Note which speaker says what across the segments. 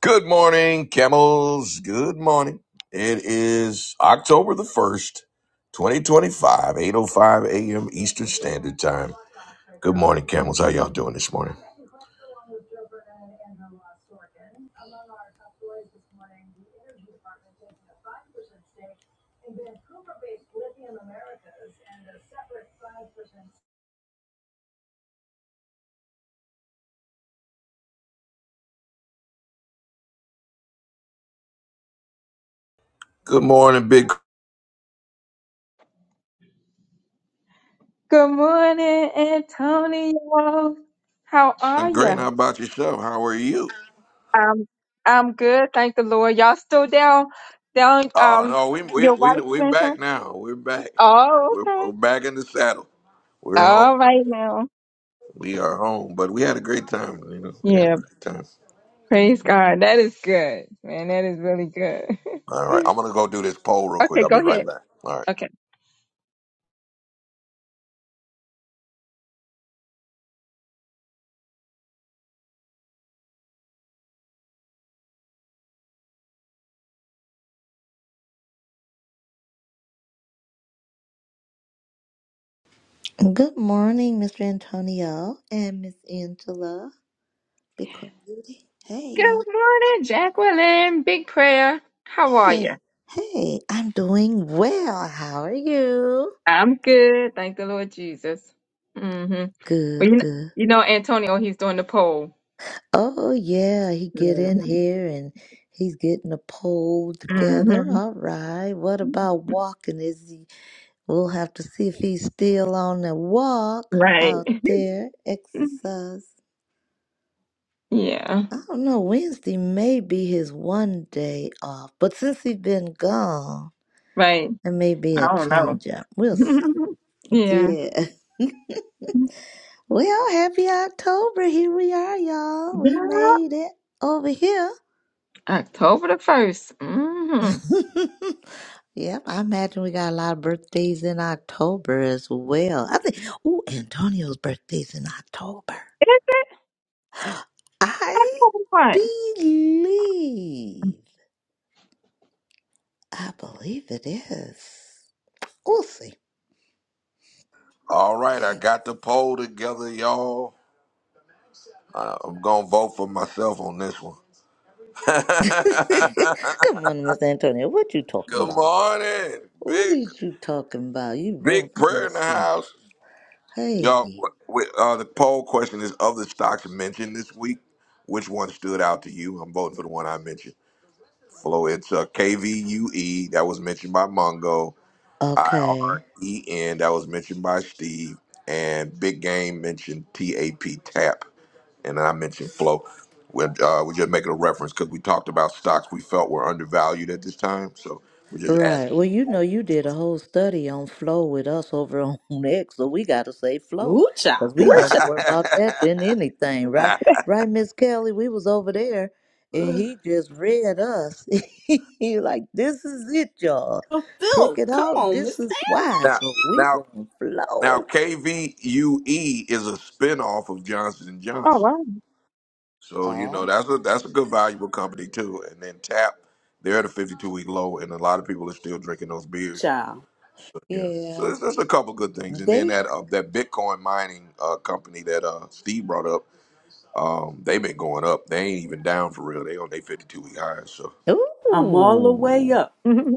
Speaker 1: Good morning, camels. Good morning. It is October the 1st, 2025, 8.05 a.m. Eastern Standard Time. Good morning, camels. How y'all doing this morning? Good morning, Big
Speaker 2: Good morning, Antonio. How are
Speaker 1: and Great. How
Speaker 2: you?
Speaker 1: about yourself? How are you?
Speaker 2: Um, I'm good. Thank the Lord. Y'all still down, down,
Speaker 1: Oh,
Speaker 2: um,
Speaker 1: no, we, we,
Speaker 2: your
Speaker 1: we,
Speaker 2: wife's
Speaker 1: we're
Speaker 2: grandson?
Speaker 1: back now. We're back.
Speaker 2: Oh,
Speaker 1: We're,
Speaker 2: okay.
Speaker 1: we're back in the saddle. We're home.
Speaker 2: All right now.
Speaker 1: We are home, but we had a great time. You know, we had a
Speaker 2: Yeah.
Speaker 1: great time.
Speaker 2: Praise God. That is good, man. That is really good.
Speaker 1: All right, I'm going to go do this poll real quick.
Speaker 2: okay.
Speaker 1: I'll be
Speaker 2: Go
Speaker 1: right
Speaker 2: ahead.
Speaker 1: back. All right.
Speaker 2: Okay.
Speaker 3: Good morning, Mr. Antonio and Miss Angela. Bitcoin Beauty. Hey, y'all.
Speaker 2: Good morning, Jacqueline. Big prayer. How are you?
Speaker 3: Hey, hey, I'm doing well. How are you?
Speaker 2: I'm good. Thank the Lord Jesus. Mm-hmm. Well, you
Speaker 3: Good,
Speaker 2: know,
Speaker 3: good.
Speaker 2: you know, Antonio, he's doing the poll.
Speaker 3: Oh, yeah, he get in here and he's getting a poll together.
Speaker 2: hmm
Speaker 3: All right. What about walking? Is he? We'll have to see if he's still on the walk
Speaker 2: Right.
Speaker 3: out there, exercise.
Speaker 2: Yeah.
Speaker 3: I don't know. Wednesday may be his one day off, but since he's been gone.
Speaker 2: Right.
Speaker 3: It may be
Speaker 2: I
Speaker 3: a
Speaker 2: don't know.
Speaker 3: change up. We'll see.
Speaker 2: yeah.
Speaker 3: Yeah. Well, happy October. Here we are, y'all. We
Speaker 2: Yeah.
Speaker 3: made it over here.
Speaker 2: October the first. Mm-hmm. Is
Speaker 3: yep, I imagine we got a lot of birthdays in October as well. I think, ooh, Antonio's birthday's in October.
Speaker 2: it
Speaker 3: I
Speaker 2: October what?
Speaker 3: believe. I believe it is. We'll see.
Speaker 1: All right, I got the poll together, y'all. I- I'm gonna vote for myself on this one.
Speaker 3: Come on, Miss Antonio. What you talking
Speaker 1: Good
Speaker 3: about?
Speaker 1: morning,
Speaker 3: What
Speaker 1: big
Speaker 3: is you talking about? You vote
Speaker 1: big
Speaker 3: for
Speaker 1: prayer in the
Speaker 3: yourself.
Speaker 1: house, y'all.
Speaker 3: Hey.
Speaker 1: With, uh, the poll question is: of the stocks mentioned this week, which one stood out to you? I'm voting for the one I mentioned. Flo, it's uh, KVUE that was mentioned by Mongo. I R
Speaker 3: Okay.
Speaker 1: E N. That was mentioned by Steve. And Big Game mentioned T A P TAP. And I mentioned Flow. We're, uh, we're just making a reference because we talked about stocks we felt were undervalued at this time. So we're just
Speaker 3: Right.
Speaker 1: asking.
Speaker 3: Well, you know, you did a whole study on flow with us over on X, so we got to say flow
Speaker 4: Ooh, child.
Speaker 3: because we
Speaker 4: Ooh,
Speaker 3: know
Speaker 2: Listen.
Speaker 4: child.
Speaker 3: more about that than anything, right? Right, Miss Kelly? We was over there and he just read us. he like, this is it, y'all. Check
Speaker 4: Fulfill.
Speaker 3: it
Speaker 4: Come
Speaker 3: out.
Speaker 4: on, Miss
Speaker 3: This
Speaker 4: Ann-
Speaker 3: is why.
Speaker 1: now,
Speaker 3: So we
Speaker 1: now,
Speaker 3: going to
Speaker 1: now,
Speaker 3: flow.
Speaker 1: KVUE is a spinoff of Johnson and
Speaker 2: Oh
Speaker 1: Johnson.
Speaker 2: wow.
Speaker 1: So you know
Speaker 3: Oh,
Speaker 1: that's a that's a good valuable company too. And then Tap, they're at a 52 week low, and a lot of people are still drinking those beers
Speaker 4: Child.
Speaker 1: Yeah. So
Speaker 3: yeah.
Speaker 1: there's, there's a couple good things, and then
Speaker 3: They,
Speaker 1: that uh, that Bitcoin mining uh, company that uh, Steve brought up, um, they've been going up. They ain't even down for real. They on their 52 week highs, so
Speaker 4: I'm all the way
Speaker 3: ooh.
Speaker 4: up.
Speaker 2: Mhm.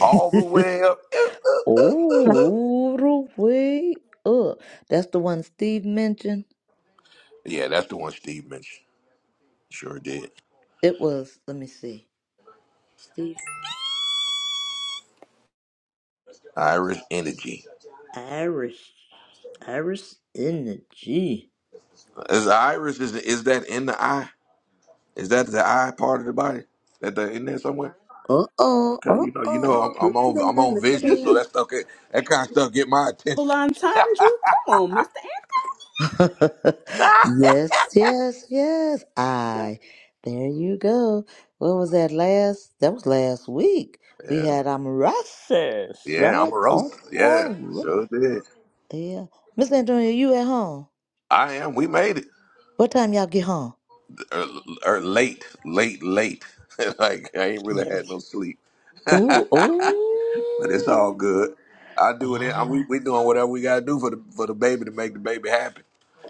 Speaker 1: all the way up. Up, up, up, up, up.
Speaker 3: All the way up. That's the one Steve mentioned.
Speaker 1: Yeah, that's the one Steve mentioned. Sure did.
Speaker 3: It was, let me see. Steve
Speaker 1: Iris Energy.
Speaker 3: Irish. Irish energy.
Speaker 1: Is Iris is is that in the eye? Is that the eye part of the body? That the, in there somewhere?
Speaker 3: Uh oh,
Speaker 1: 'Cause
Speaker 3: uh
Speaker 1: you know, you know, I'm,
Speaker 3: oh.
Speaker 1: I'm
Speaker 3: Look at
Speaker 1: on I'm
Speaker 3: that,
Speaker 1: on
Speaker 3: look
Speaker 1: vision, so
Speaker 4: Double
Speaker 1: that
Speaker 3: at
Speaker 1: stuff get, that kind of stuff get my attention.
Speaker 4: entendre. Come on, Mr. An-
Speaker 3: that. yes, yes, yes. I. There you go. What was that last? That was last week. We
Speaker 1: Yeah,
Speaker 3: had um Rosses,
Speaker 1: yeah, I'm
Speaker 3: right?
Speaker 1: a roast.
Speaker 3: Oh,
Speaker 1: Yeah,
Speaker 3: oh,
Speaker 1: sure did.
Speaker 3: yeah. Miss Antonia, you at home?
Speaker 1: I am. We made it
Speaker 3: What time y'all get home?
Speaker 1: or, or late, late, late. like I ain't really had no sleep,
Speaker 3: Ooh,
Speaker 1: but it's all
Speaker 3: ooh.
Speaker 1: good. I do it. I, we
Speaker 3: right.
Speaker 1: we doing whatever we gotta do for the for the baby to make the baby happy.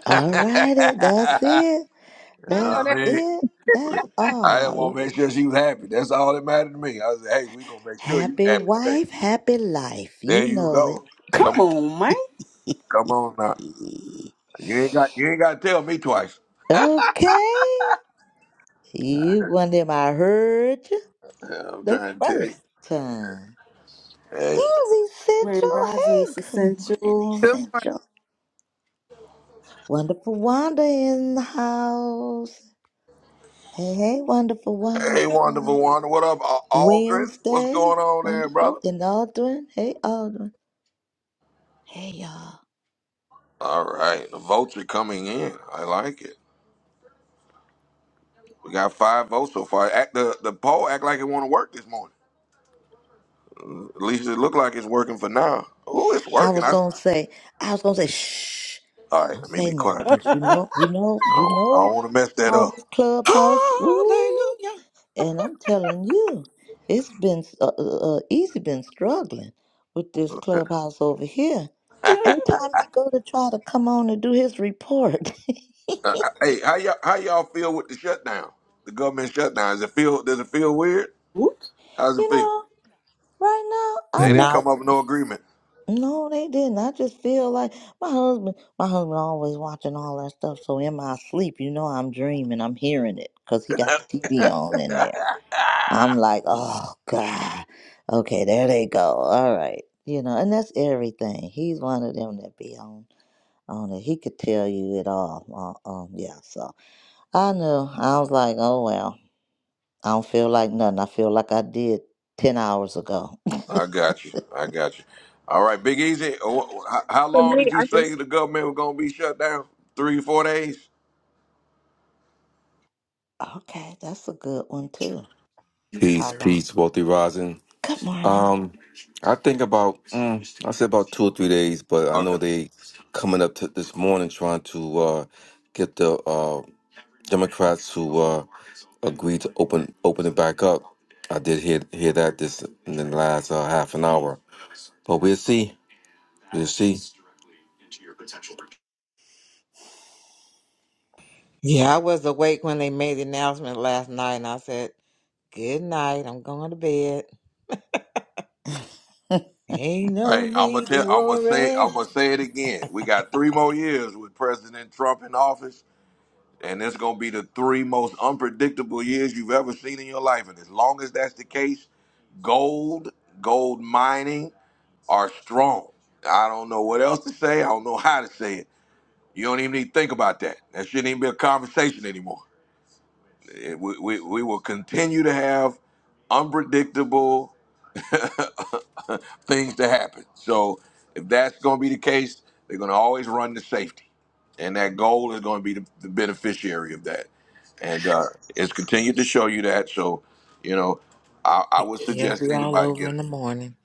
Speaker 3: All righty. That's it.
Speaker 1: you
Speaker 2: I
Speaker 1: know what
Speaker 2: know
Speaker 3: That's
Speaker 1: I
Speaker 2: that
Speaker 1: mean,
Speaker 3: it. That's
Speaker 1: I just
Speaker 3: all.
Speaker 1: want to make sure she was happy. That's all that mattered to me. I said, hey, we gonna make sure you
Speaker 3: Happy
Speaker 1: happy today.
Speaker 3: wife, happy life.
Speaker 1: There
Speaker 3: You
Speaker 1: you
Speaker 3: know it.
Speaker 1: go.
Speaker 4: Come
Speaker 1: Come on,
Speaker 4: on, man.
Speaker 1: come on now. You ain't got you ain't got to tell me twice.
Speaker 3: okay. You one of them I heard you
Speaker 1: Yeah, I'm
Speaker 3: the
Speaker 1: trying to
Speaker 3: first time.
Speaker 1: tell you.
Speaker 3: There's
Speaker 4: Grand
Speaker 3: Essential.
Speaker 4: Rising
Speaker 3: Hey,
Speaker 4: is
Speaker 3: good morning,
Speaker 4: essential.
Speaker 5: Good morning.
Speaker 3: Essential. Wonderful Wanda in the house. Hey, hey, Wonderful
Speaker 1: Hey,
Speaker 3: Wanda.
Speaker 1: wonderful one. What up, Al- Aldrin? What's
Speaker 3: Wednesday.
Speaker 1: going on there,
Speaker 3: Wonderful.
Speaker 1: brother?
Speaker 3: And Aldrin. Hey, Aldrin. Hey, y'all.
Speaker 1: All right, the votes are coming in. I like it. We got five votes so far. Act, the the poll act like it want to work this morning. Uh, At least it look like it's working for now. Oh, it's
Speaker 3: I
Speaker 1: working.
Speaker 3: was
Speaker 1: I, s-
Speaker 3: gonna say, I was gonna say, shh,
Speaker 1: all right,
Speaker 3: don't
Speaker 1: let me
Speaker 3: say
Speaker 1: be
Speaker 3: nothing,
Speaker 1: quiet.
Speaker 3: cause you know, you know,
Speaker 1: I
Speaker 3: you
Speaker 1: don't, I don't
Speaker 3: know
Speaker 1: want to mess that
Speaker 3: how this clubhouse.
Speaker 6: Hallelujah.
Speaker 3: Ooh, and I'm telling you, it's been s- uh, uh, uh, easy, been struggling with this clubhouse over here.
Speaker 1: up.
Speaker 3: Every time he go to try to come on and do his report,
Speaker 1: Uh, hey, how y'all how y'all feel with the shutdown? The government shutdown. Does it feel does it feel weird?
Speaker 4: Oops,
Speaker 1: How does
Speaker 3: you
Speaker 1: it feel?
Speaker 3: know, right
Speaker 1: They
Speaker 3: now
Speaker 1: didn't
Speaker 6: Not
Speaker 1: come up with no agreement.
Speaker 3: No, they didn't. I just feel like my husband, my husband always watching all that stuff. So in my sleep, you know, I'm dreaming, I'm hearing it because he got the TV on in there. I'm like, oh God, okay, there they go. All right, you know, and that's everything. He's one of them that be on on it. He could tell you it all. Uh, um, yeah. So I knew. I was like, oh well, I don't feel like nothing. I feel like I did ten hours ago.
Speaker 1: I got you. I got you. All right, Big Easy. uh, wh- wh- How how
Speaker 2: for
Speaker 1: long
Speaker 2: me,
Speaker 1: did you
Speaker 2: I
Speaker 1: say
Speaker 2: just
Speaker 1: the government was gonna be shut down? Three, four days.
Speaker 3: Okay, that's a good one too.
Speaker 7: Peace,
Speaker 3: How long?
Speaker 7: peace, wealthy rising.
Speaker 3: Good morning.
Speaker 7: Um, I think about mm, I say about two or three days, but I know
Speaker 1: Okay.
Speaker 7: they coming up to this morning trying to uh, get the uh, Democrats to uh, agree to open open it back up. I did hear hear that this in the last uh, half an hour, but we'll see. We'll see.
Speaker 6: yeah, I was awake when they made the announcement last night and I said, Good night, I'm going to bed. Ain't no
Speaker 1: Hey, I'm gonna
Speaker 6: need to
Speaker 1: tell. I'm gonna say. I'm
Speaker 6: worry.
Speaker 1: gonna say it again. We got three more years with President Trump in office, and it's gonna be the three most unpredictable years you've ever seen in your life. And as long as that's the case, gold, gold mining are strong. I don't know what else to say. I don't know how to say it. You don't even need to think about that. That shouldn't even be a conversation anymore. Eh, We, we, we will continue to have unpredictable things to happen. So if that's going to be the case, they're going to always run to safety. And that goal is going to be the, the beneficiary of that. And uh, it's continued to show you that. So, you know, I, I would
Speaker 6: It'll
Speaker 1: suggest
Speaker 6: be all
Speaker 1: anybody
Speaker 6: over
Speaker 1: get
Speaker 6: in the morning.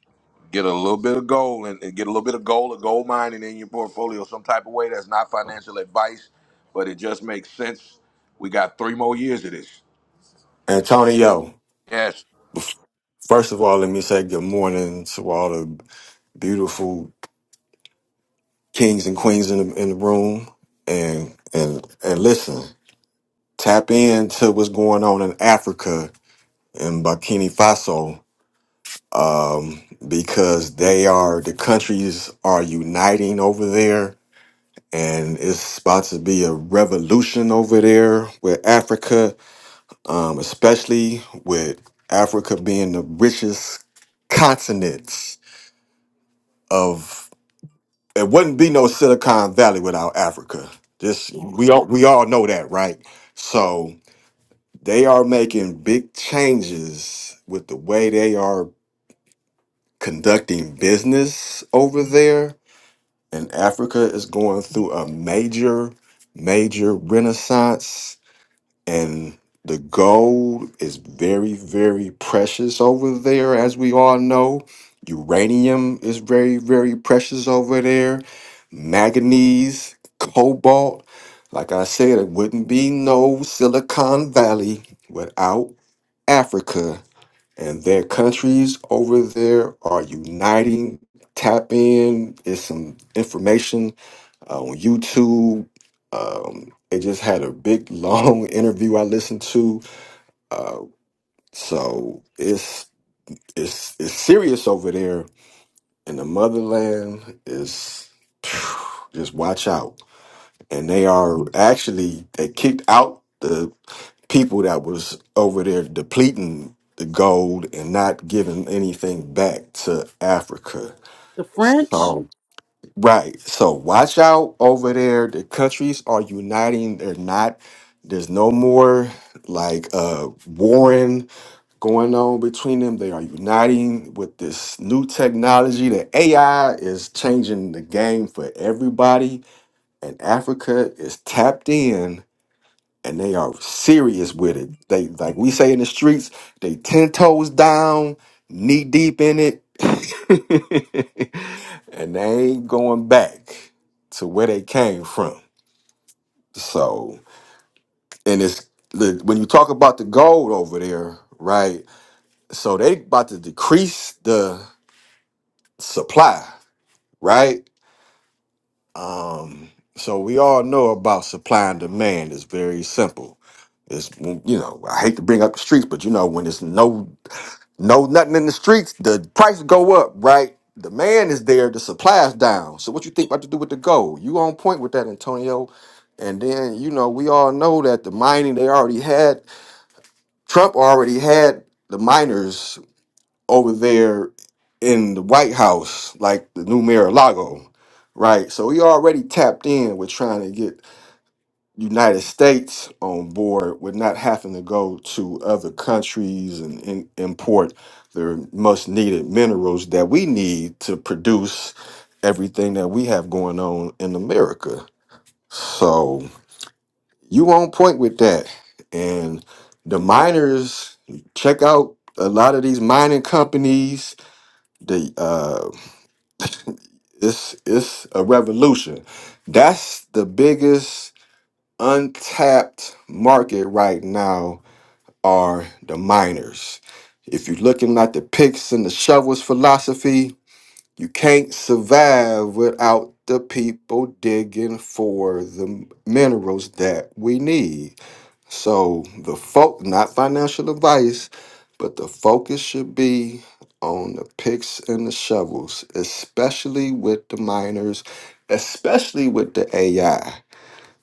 Speaker 1: get a little bit of gold and, and get a little bit of gold or gold mining in your portfolio some type of way that's not financial advice, but it just makes sense. We got three more years of this.
Speaker 8: Antonio,
Speaker 1: Yes.
Speaker 8: first of all, let me say good morning to all the beautiful kings and queens in the, in the room. And, and, and listen, tap into what's going on in Africa and Burkina Faso, um, because they are, the countries are uniting over there. And it's about to be a revolution over there with Africa, um, especially with Africa being the richest continents of It wouldn't be no Silicon Valley without Africa. This we all we all know that, right? So they are making big changes with the way they are conducting business over there, and Africa is going through a major, major renaissance and the gold is very very precious over there as we all know uranium is very very precious over there manganese cobalt like i said it wouldn't be no silicon valley without africa and their countries over there are uniting tap in is some information uh, on YouTube. Um, it just had a big long interview I listened to. Uh, so it's it's it's serious over there in the motherland. Is just watch out. And they are actually they kicked out the people that was over there depleting the gold and not giving anything back to Africa.
Speaker 4: the French.
Speaker 8: So Right. So watch out over there. The countries are uniting. They're not. There's no more like uh warring going on between them. They are uniting with this new technology. The AI is changing the game for everybody, and Africa is tapped in and they are serious with it. They like we say in the streets, they ten toes down, knee deep in it, and they ain't going back to where they came from. So, and it's look, when you talk about the gold over there, right? So they about to decrease the supply, right? Um, so we all know about supply and demand is very simple. It's you know I hate to bring up the streets, but you know when it's no No, nothing in the streets. The price go up, right? Demand is there. The supply is down. So what you think about to do with the gold? You on point with that, Antonio. And then you know we all know that the mining they already had. Trump already had the miners over there in the White House, like the new Mar-a-Lago, right? So he already tapped in with trying to get United States on board with not having to go to other countries and, and import the most needed minerals that we need to produce everything that we have going on in America. So you on point with that. And the miners, check out a lot of these mining companies. The uh it's it's a revolution. That's the biggest untapped market right now are the miners. If you're looking at the picks and the shovels philosophy, you can't survive without the people digging for the minerals that we need. So the folk, not financial advice, but the focus should be on the picks and the shovels, especially with the miners, especially with the AI.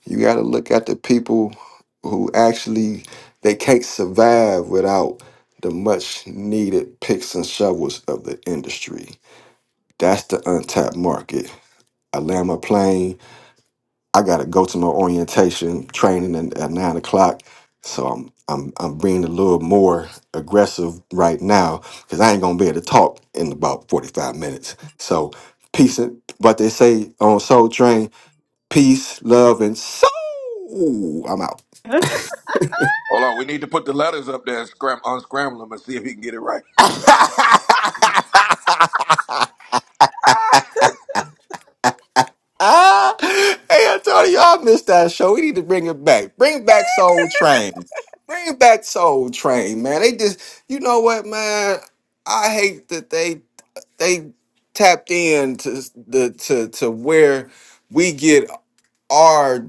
Speaker 8: You got to look at the people who actually they can't survive without the much needed picks and shovels of the industry. That's the untapped market. I land my plane. I got to go to my orientation training at, at nine o'clock. So I'm I'm I'm being a little more aggressive right now because I ain't gonna be able to talk in about 45 minutes. So peace and what they say on Soul Train, peace, love, and soul. I'm out.
Speaker 1: Hold on, we need to put the letters up there and scram- unscramble them and see if he can get it right.
Speaker 8: Ah, hey Antonio, I missed that show. We need to bring it back. Bring back Soul Train. Bring back Soul Train, man. They just, you know what, man? I hate that they they tapped in to the to to where we get our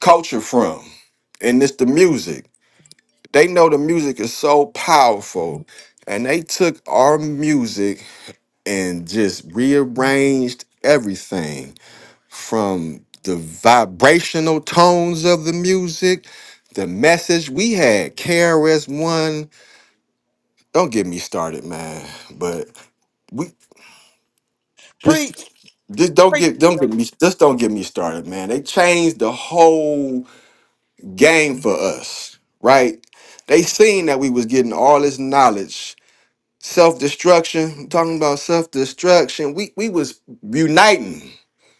Speaker 8: culture from, and it's the music. They know the music is so powerful, and they took our music and just rearranged everything from the vibrational tones of the music, the message we had. KRS One, don't get me started, man. But we just,
Speaker 6: Preach,
Speaker 8: just don't
Speaker 6: preach,
Speaker 8: get don't
Speaker 6: Jill.
Speaker 8: get me just don't get me started, man. They changed the whole game for us, right? They seen that we was getting all this knowledge. Self-destruction, talking about self-destruction. We we was uniting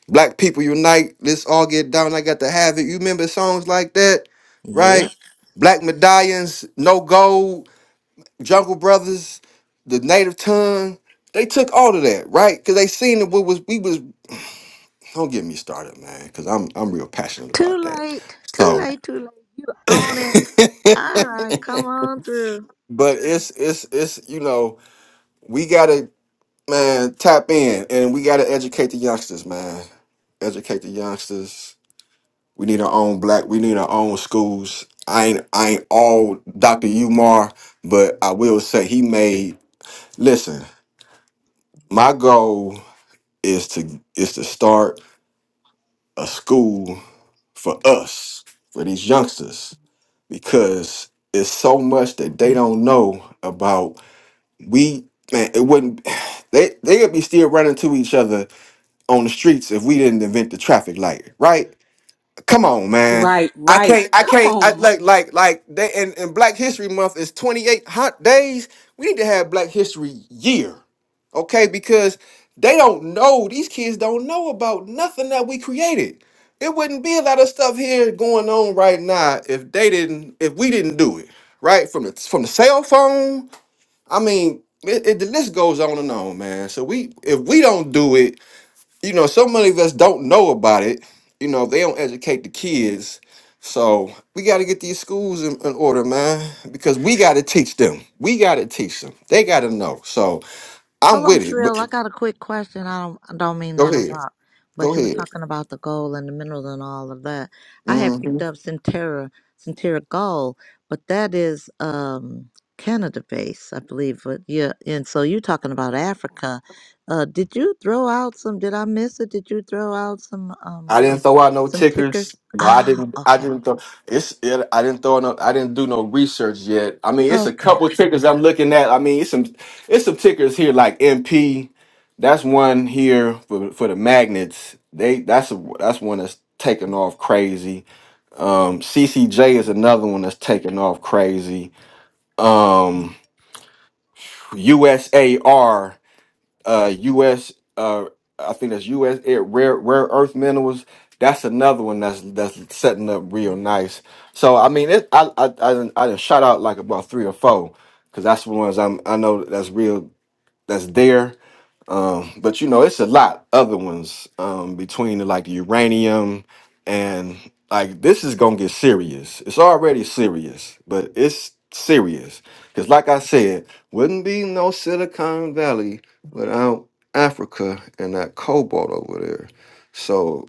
Speaker 8: Black people unite. Let's all get down. I got to have it. You remember songs like that,
Speaker 6: Yeah.
Speaker 8: right? Black medallions, no gold, Jungle Brothers, the Native Tongue. They took all of that, right? Because they seen that what was we was. Don't get me started, man. Because I'm I'm real passionate
Speaker 3: Too
Speaker 8: about that.
Speaker 3: late. Too
Speaker 8: So,
Speaker 3: late. Too late. You own it. All right, come on through.
Speaker 8: but it's it's it's you know we gotta man tap in and we gotta educate the youngsters, man. Educate the youngsters We need our own black. We need our own schools. I ain't I ain't all Dr. Umar, but I will say he made. Listen, my goal is to is to start a school for us for these youngsters because it's so much that they don't know about. We man, it wouldn't. They they'd be still running to each other on the streets if we didn't invent the traffic light, right? Come on, man.
Speaker 4: Right,
Speaker 8: I
Speaker 4: right.
Speaker 8: can't. I
Speaker 4: Come
Speaker 8: can't. I
Speaker 4: on, my
Speaker 8: like like like. They, and, and Black History Month is twenty eight hot days. We need to have Black History Year, okay? Because they don't know. These kids don't know about nothing that we created. It wouldn't be a lot of stuff here going on right now if they didn't. If we didn't do it right from the from the cell phone. I mean, it, it, the list goes on and on, man. So we if we don't do it you know, so many of us don't know about it. You know, they don't educate the kids. So we got to get these schools in, in order, man, because we got to teach them. We got to teach them. They got to know. So I'm
Speaker 3: Hold on,
Speaker 8: with it. But
Speaker 3: Trill. I got a quick question. I don't I don't mean to
Speaker 8: go ahead.
Speaker 3: interrupt,
Speaker 8: Go
Speaker 3: but you was
Speaker 8: ahead.
Speaker 3: talking about the gold and the minerals and all of that. I had
Speaker 8: Mm-hmm.
Speaker 3: picked up Centerra Centerra Gold, but that is um Canada based, I believe. But yeah, and so you're talking about Africa. Uh did you throw out some did I miss it? Did you throw out some um
Speaker 8: I
Speaker 3: uh
Speaker 8: didn't throw out no
Speaker 3: some
Speaker 8: tickers.
Speaker 3: tickers?
Speaker 8: No, I
Speaker 3: Ah,
Speaker 8: didn't. I
Speaker 3: okay.
Speaker 8: didn't throw. It's. It, I didn't throw. No, I didn't do no research yet. I mean, it's a
Speaker 3: Okay.
Speaker 8: couple tickers I'm looking at. I mean, it's some. It's some tickers here like MP. That's one here for for the magnets. They. That's a. That's one that's taking off crazy. Um, CCJ is another one that's taking off crazy. Um, USAR uh US uh I think that's US air, rare rare earth minerals. That's another one that's that's setting up real nice. So I mean, it, I I I done, I done shot out like about three or four because that's the ones I'm I know that's real that's there um, but you know, it's a lot other ones um, between like the uranium and like this is gonna get serious. It's already serious, but it's serious because, like I said, wouldn't be no Silicon Valley without Africa and that cobalt over there. So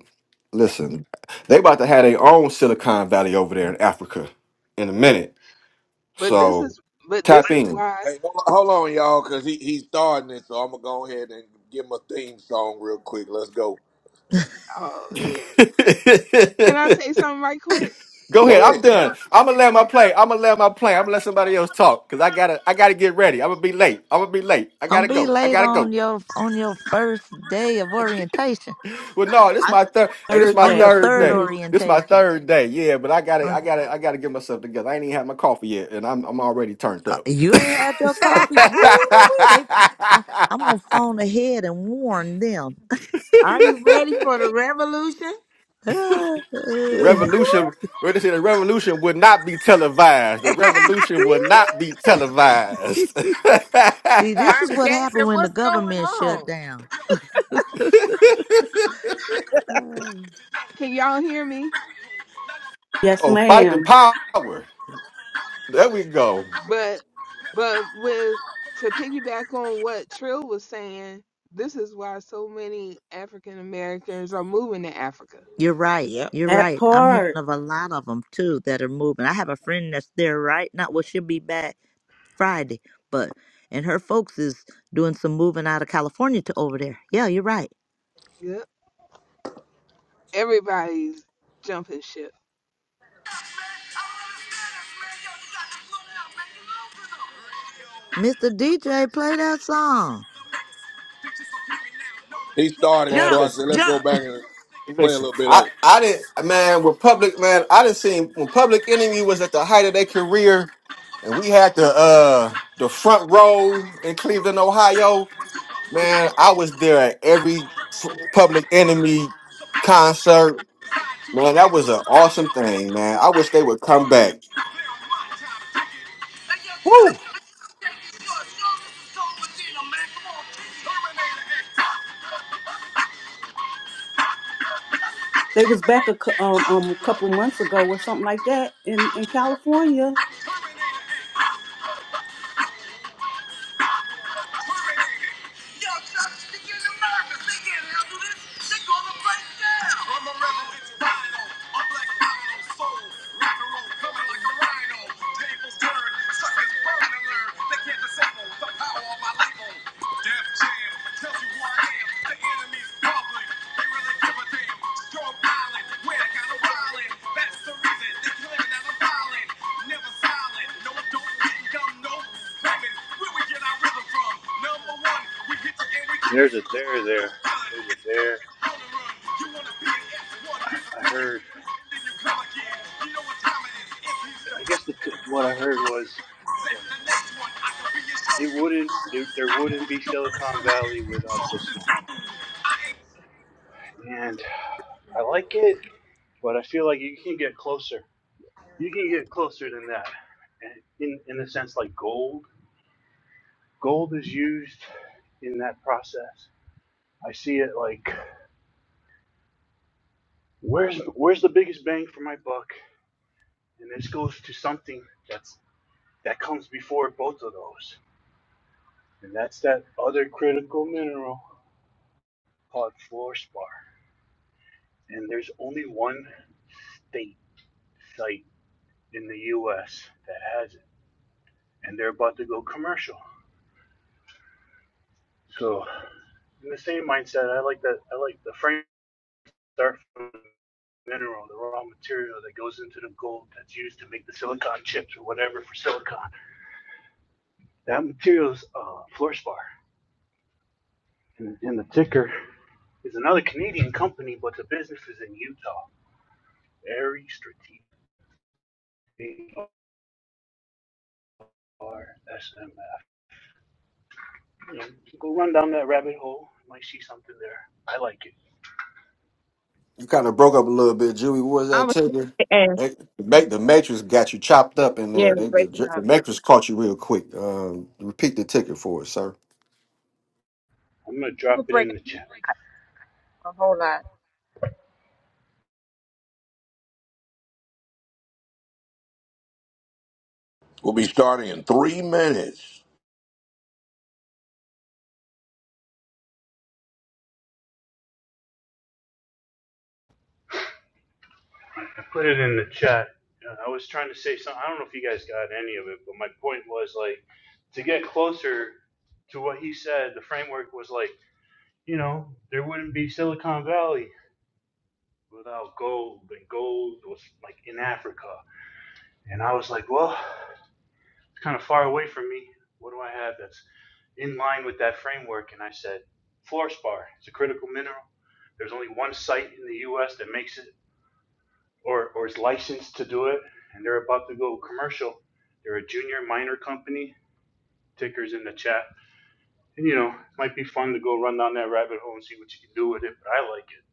Speaker 8: listen, they about to have their own Silicon Valley over there in Africa in a minute.
Speaker 5: But this
Speaker 8: So
Speaker 5: is but this
Speaker 8: tap
Speaker 5: is
Speaker 8: in.
Speaker 5: why
Speaker 1: Hey, hold on, hold on, y'all, because he, he's starting it, so I'm going to go ahead and give him a theme song real quick. Let's go.
Speaker 5: oh man. Can I say something right quick?
Speaker 8: Go
Speaker 1: Go
Speaker 8: ahead.
Speaker 1: ahead.
Speaker 8: I'm done. I'm gonna let my plane. I'm gonna let my plane. I'm gonna let somebody else talk because I gotta. I gotta get ready. I'm gonna be late. I'm gonna be late. I
Speaker 3: Don't
Speaker 8: gotta
Speaker 3: be
Speaker 8: go. I
Speaker 3: late
Speaker 8: gotta
Speaker 3: on
Speaker 8: go.
Speaker 3: your on your first day of orientation.
Speaker 8: Well, no, this
Speaker 6: I-
Speaker 8: my third. Hey, this
Speaker 4: third
Speaker 8: my
Speaker 3: On
Speaker 4: day.
Speaker 3: your
Speaker 8: third
Speaker 3: third
Speaker 8: day.
Speaker 4: hmm
Speaker 8: This my
Speaker 3: orientation.
Speaker 8: third day. Yeah, but I gotta.
Speaker 3: On
Speaker 8: I
Speaker 3: your,
Speaker 8: gotta. I gotta get myself together. I ain't even had my coffee yet, and I'm. I'm already turned
Speaker 3: uh,
Speaker 8: up.
Speaker 3: you ain't had your coffee.
Speaker 8: the
Speaker 3: Woo wee. They I I'm gonna phone ahead and warn them.
Speaker 6: Are you ready for the revolution? Whoop,
Speaker 8: revolution.
Speaker 6: whoop.
Speaker 8: We're to say the revolution would not be televised. The revolution would not be televised.
Speaker 3: See, this
Speaker 6: Marvin
Speaker 3: is what
Speaker 6: Gaye
Speaker 3: happened
Speaker 6: said,
Speaker 3: when the
Speaker 6: What's going
Speaker 3: government shut
Speaker 6: on?
Speaker 3: down. Uh,
Speaker 5: Can y'all hear me?
Speaker 4: Yes,
Speaker 8: Oh, fight the
Speaker 4: ma'am.
Speaker 8: power. There we go.
Speaker 5: But but with to piggyback on what Trill was saying, this is why so many African Americans are moving to Africa.
Speaker 3: You're right.
Speaker 6: Yep.
Speaker 3: You're
Speaker 4: That
Speaker 3: right. I'm hearing
Speaker 4: part.
Speaker 3: of a lot of them too that are moving. I have a friend that's there right now. Well, she'll be back. Friday, but and her folks is doing some moving out of California to over there. Yeah, you're right.
Speaker 5: Yep. Everybody's jumping ship.
Speaker 3: Mr. DJ, play that song.
Speaker 1: He started it,
Speaker 8: Man,
Speaker 1: so
Speaker 6: Jump,
Speaker 1: I
Speaker 8: listen.
Speaker 1: said, let's go
Speaker 6: jump.
Speaker 1: back and play a
Speaker 8: Listen.
Speaker 1: little bit
Speaker 8: I,
Speaker 1: of it.
Speaker 8: I didn't man with public man, I didn't see when public enemy was at the height of their career and we had the uh the front row in Cleveland, Ohio. Man, I was there at every public enemy concert. Man, that was an awesome thing, man. I wish they would come back. Woo!
Speaker 4: They was back a cou- um, um a couple months ago or something like that in in California
Speaker 1: Y'all stop sticking They can't they gonna break down. I'm a rebel, bitch, rhino. I'm black, rhino, soul. Rock and roll, coming like a rhino. Tables turn, suckers burn and They can't disable the power of my label. Def Jam tells you who I am. The enemy's public. They really give a damn.
Speaker 9: There's a there there. There's a there. I, I heard. I guess the, what I heard was like, it wouldn't. It, there wouldn't be Silicon Valley without this one. And I like it, but I feel like you can get closer. You can get closer than that. And in in a sense, like gold. Gold is used in that process. I see it like where's where's the biggest bang for my buck? And this goes to something that's that comes before both of those. And that's that other critical mineral called fluorspar. And there's only one state site in the US that has it. And they're about to go commercial. So in the same mindset, I like that I like the frame start from the mineral, the raw material that goes into the gold that's used to make the silicon chips or whatever for silicon. That material's uh fluorspar. And, and the ticker is another Canadian company, but the business is in Utah. Very strategic or SMF. You know, go run down that rabbit hole. You might see something there. I like it.
Speaker 8: You kind of broke up a little bit, Julie. What was
Speaker 2: I
Speaker 8: that
Speaker 2: was
Speaker 8: Tigger?
Speaker 2: asked.
Speaker 8: Hey, The ma- the Matrix got you chopped up in
Speaker 2: Yeah,
Speaker 8: there. They, the,
Speaker 2: breaking
Speaker 8: the
Speaker 2: up.
Speaker 8: Matrix caught you real quick. Um, repeat the ticket for us, sir.
Speaker 9: I'm gonna
Speaker 2: You were
Speaker 9: drop it in
Speaker 2: breaking
Speaker 9: the chat.
Speaker 2: up a whole lot.
Speaker 1: We'll be starting in three minutes.
Speaker 9: I put it in the chat. Uh, I was trying to say something. I don't know if you guys got any of it, but my point was like to get closer to what he said. The framework was like, you know, there wouldn't be Silicon Valley without gold, and gold was like in Africa. And I was like, well. kind of far away from me. What do I have that's in line with that framework? And I said, fluorspar. It's a critical mineral. There's only one site in the U.S. that makes it or, or is licensed to do it, and they're about to go commercial. They're a junior miner company. Ticker's in the chat. And you know, it might be fun to go run down that rabbit hole and see what you can do with it, but I like it.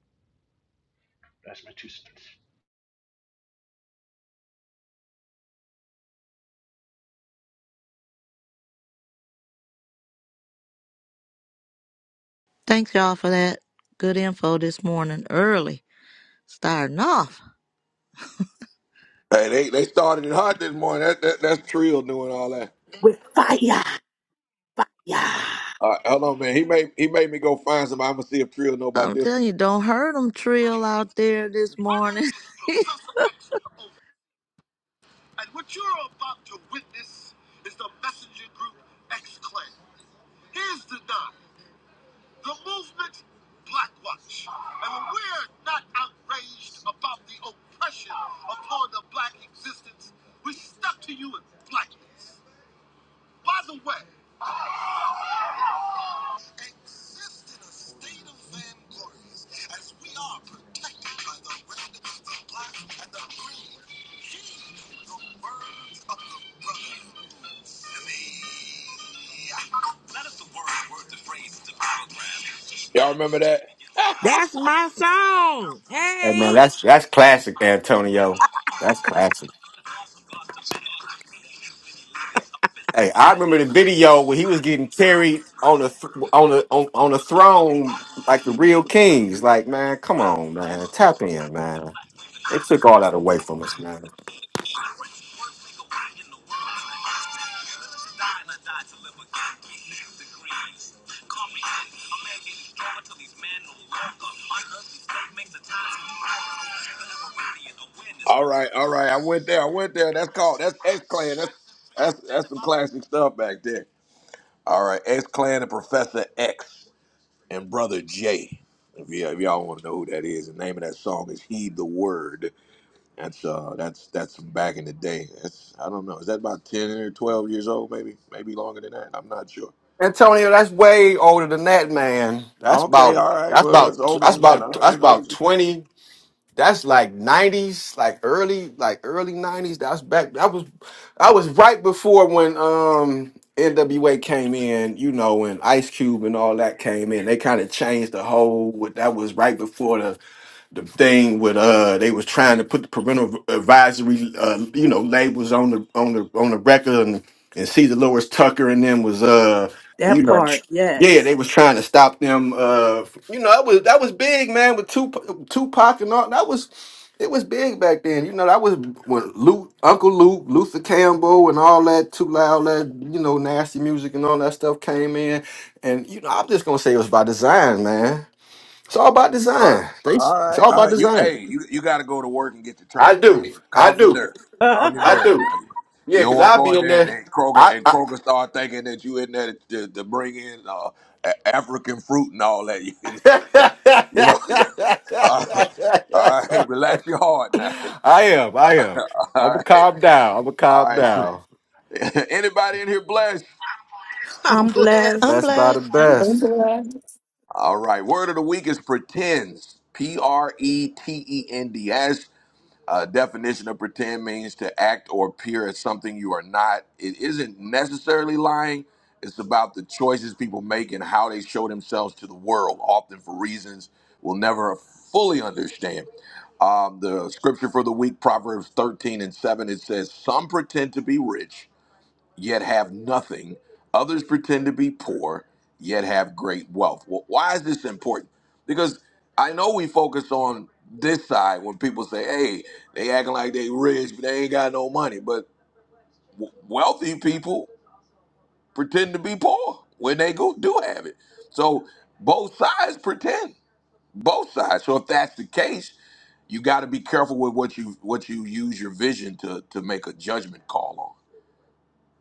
Speaker 9: That's my two cents.
Speaker 3: Thanks y'all for that good info this morning early. Starting off.
Speaker 1: Hey, they, they started it hot this morning. That, that that's Trill doing all that.
Speaker 4: with fire, fire.
Speaker 1: All right, hold on, man. He made he made me go find somebody. I'm gonna see if Trill know about
Speaker 3: I'm
Speaker 1: this one.
Speaker 3: telling you, don't hurt them trill
Speaker 1: My
Speaker 3: out there this
Speaker 1: name
Speaker 3: morning.
Speaker 1: is Professor X and what you're about to witness is the messenger group X Clan. Here's the nine, the movement Black Watch. And when we're not outraged about the oppression upon the black existence, we step to you in blackness. By the way, exist in a state of vainglorious as we are protected by the red, the black, and the green. Heed the words of the Y'all remember that? You
Speaker 6: That's my song.
Speaker 8: Hey man,
Speaker 6: Hey.
Speaker 8: that's that's classic, Antonio. That's classic. Hey, I remember the video where he was getting carried on the th- on the on, on the throne like the real kings. Like, man, come on, man, tap in, man. They took all that away from us, man.
Speaker 1: die and I die to live again. 360 degrees. Comprehend. A man getting stronger till he's manhood. Unearthly state makes a time. machine. All right, all right. I went there. I went there. That's called. That's X Clan. That's that's that's some classic stuff back there. All right, X Clan and Professor X. and Brother Jay. If, y- if y'all want to know who that is, the name of that song is "Heed the Word." That's uh, that's that's from back in the day. That's I don't know. Is that about ten or twelve years old? Maybe maybe longer than that. I'm not sure.
Speaker 8: Antonio, that's way older than that, man. That's
Speaker 1: Okay,
Speaker 8: about
Speaker 1: all right.
Speaker 8: that's
Speaker 1: Well,
Speaker 8: about
Speaker 1: it's older
Speaker 8: that's
Speaker 1: than that.
Speaker 8: about
Speaker 1: All right,
Speaker 8: that's
Speaker 1: just making
Speaker 8: about
Speaker 1: sure.
Speaker 8: twenty. That's like nineties, like early, like early nineties. That's back. That was, I was right before when um NWA came in. You know, when Ice Cube and all that came in, they kind of changed the whole. That was right before the the thing with uh they was trying to put the parental advisory uh you know labels on the on the on the record and and see the Lewis Tucker and them was uh you
Speaker 4: That
Speaker 8: know tr-
Speaker 4: part,
Speaker 8: yeah they
Speaker 4: yes.
Speaker 8: was trying to stop them uh f- you know that was that was big man with Tupac, Tupac and all that was it was big back then you know that was when Luke Uncle Luke Luther Campbell and all that too loud that you know nasty music and all that stuff came in and you know I'm just gonna say it was by design man it's all about
Speaker 1: All right,
Speaker 8: design. They-
Speaker 1: all
Speaker 8: It's
Speaker 1: right,
Speaker 8: all
Speaker 1: all
Speaker 8: about
Speaker 1: right. You
Speaker 8: design.
Speaker 1: hey, you you got to go to work and get the
Speaker 8: I
Speaker 1: train.
Speaker 8: do. I
Speaker 1: Calm your
Speaker 8: do.
Speaker 1: nerve. Calm your
Speaker 8: I
Speaker 1: nerve.
Speaker 8: do.
Speaker 1: Now. You
Speaker 8: Yeah,
Speaker 1: you don't
Speaker 8: because
Speaker 1: want to
Speaker 8: I'll
Speaker 1: go
Speaker 8: be
Speaker 1: in
Speaker 8: in
Speaker 1: there and,
Speaker 8: there.
Speaker 1: and Kroger
Speaker 8: I,
Speaker 1: and
Speaker 8: I,
Speaker 1: Kroger start thinking that you in there to, to bring in uh, A- African fruit and all that. You know, all right, all right, relax your heart now.
Speaker 8: I am. I am.
Speaker 1: All
Speaker 8: I'm going to
Speaker 1: right,
Speaker 8: calm down. I'm going to
Speaker 1: all
Speaker 8: calm
Speaker 1: right.
Speaker 8: down.
Speaker 1: Anybody in here blessed?
Speaker 4: I'm
Speaker 6: I'm
Speaker 4: blessed.
Speaker 6: blessed.
Speaker 3: I'm
Speaker 8: Best by the
Speaker 3: blessed.
Speaker 2: Um,
Speaker 8: best.
Speaker 1: All right, word of the week is pretends. P R E T E N D S. Uh, definition of pretend means to act or appear as something you are not. It isn't necessarily lying. It's about the choices people make and how they show themselves to the world, often for reasons we'll never fully understand. Um, the scripture for the week, Proverbs 13 and 7, it says, Some pretend to be rich yet have nothing. Others pretend to be poor, yet have great wealth. Well, why is this important? Because I know we focus on this side when people say, hey, they acting like they rich, but they ain't got no money. But w- wealthy people pretend to be poor when they go do have it. So both sides pretend, both sides. So if that's the case, you got to be careful with what you what you use your vision to to make a judgment call on.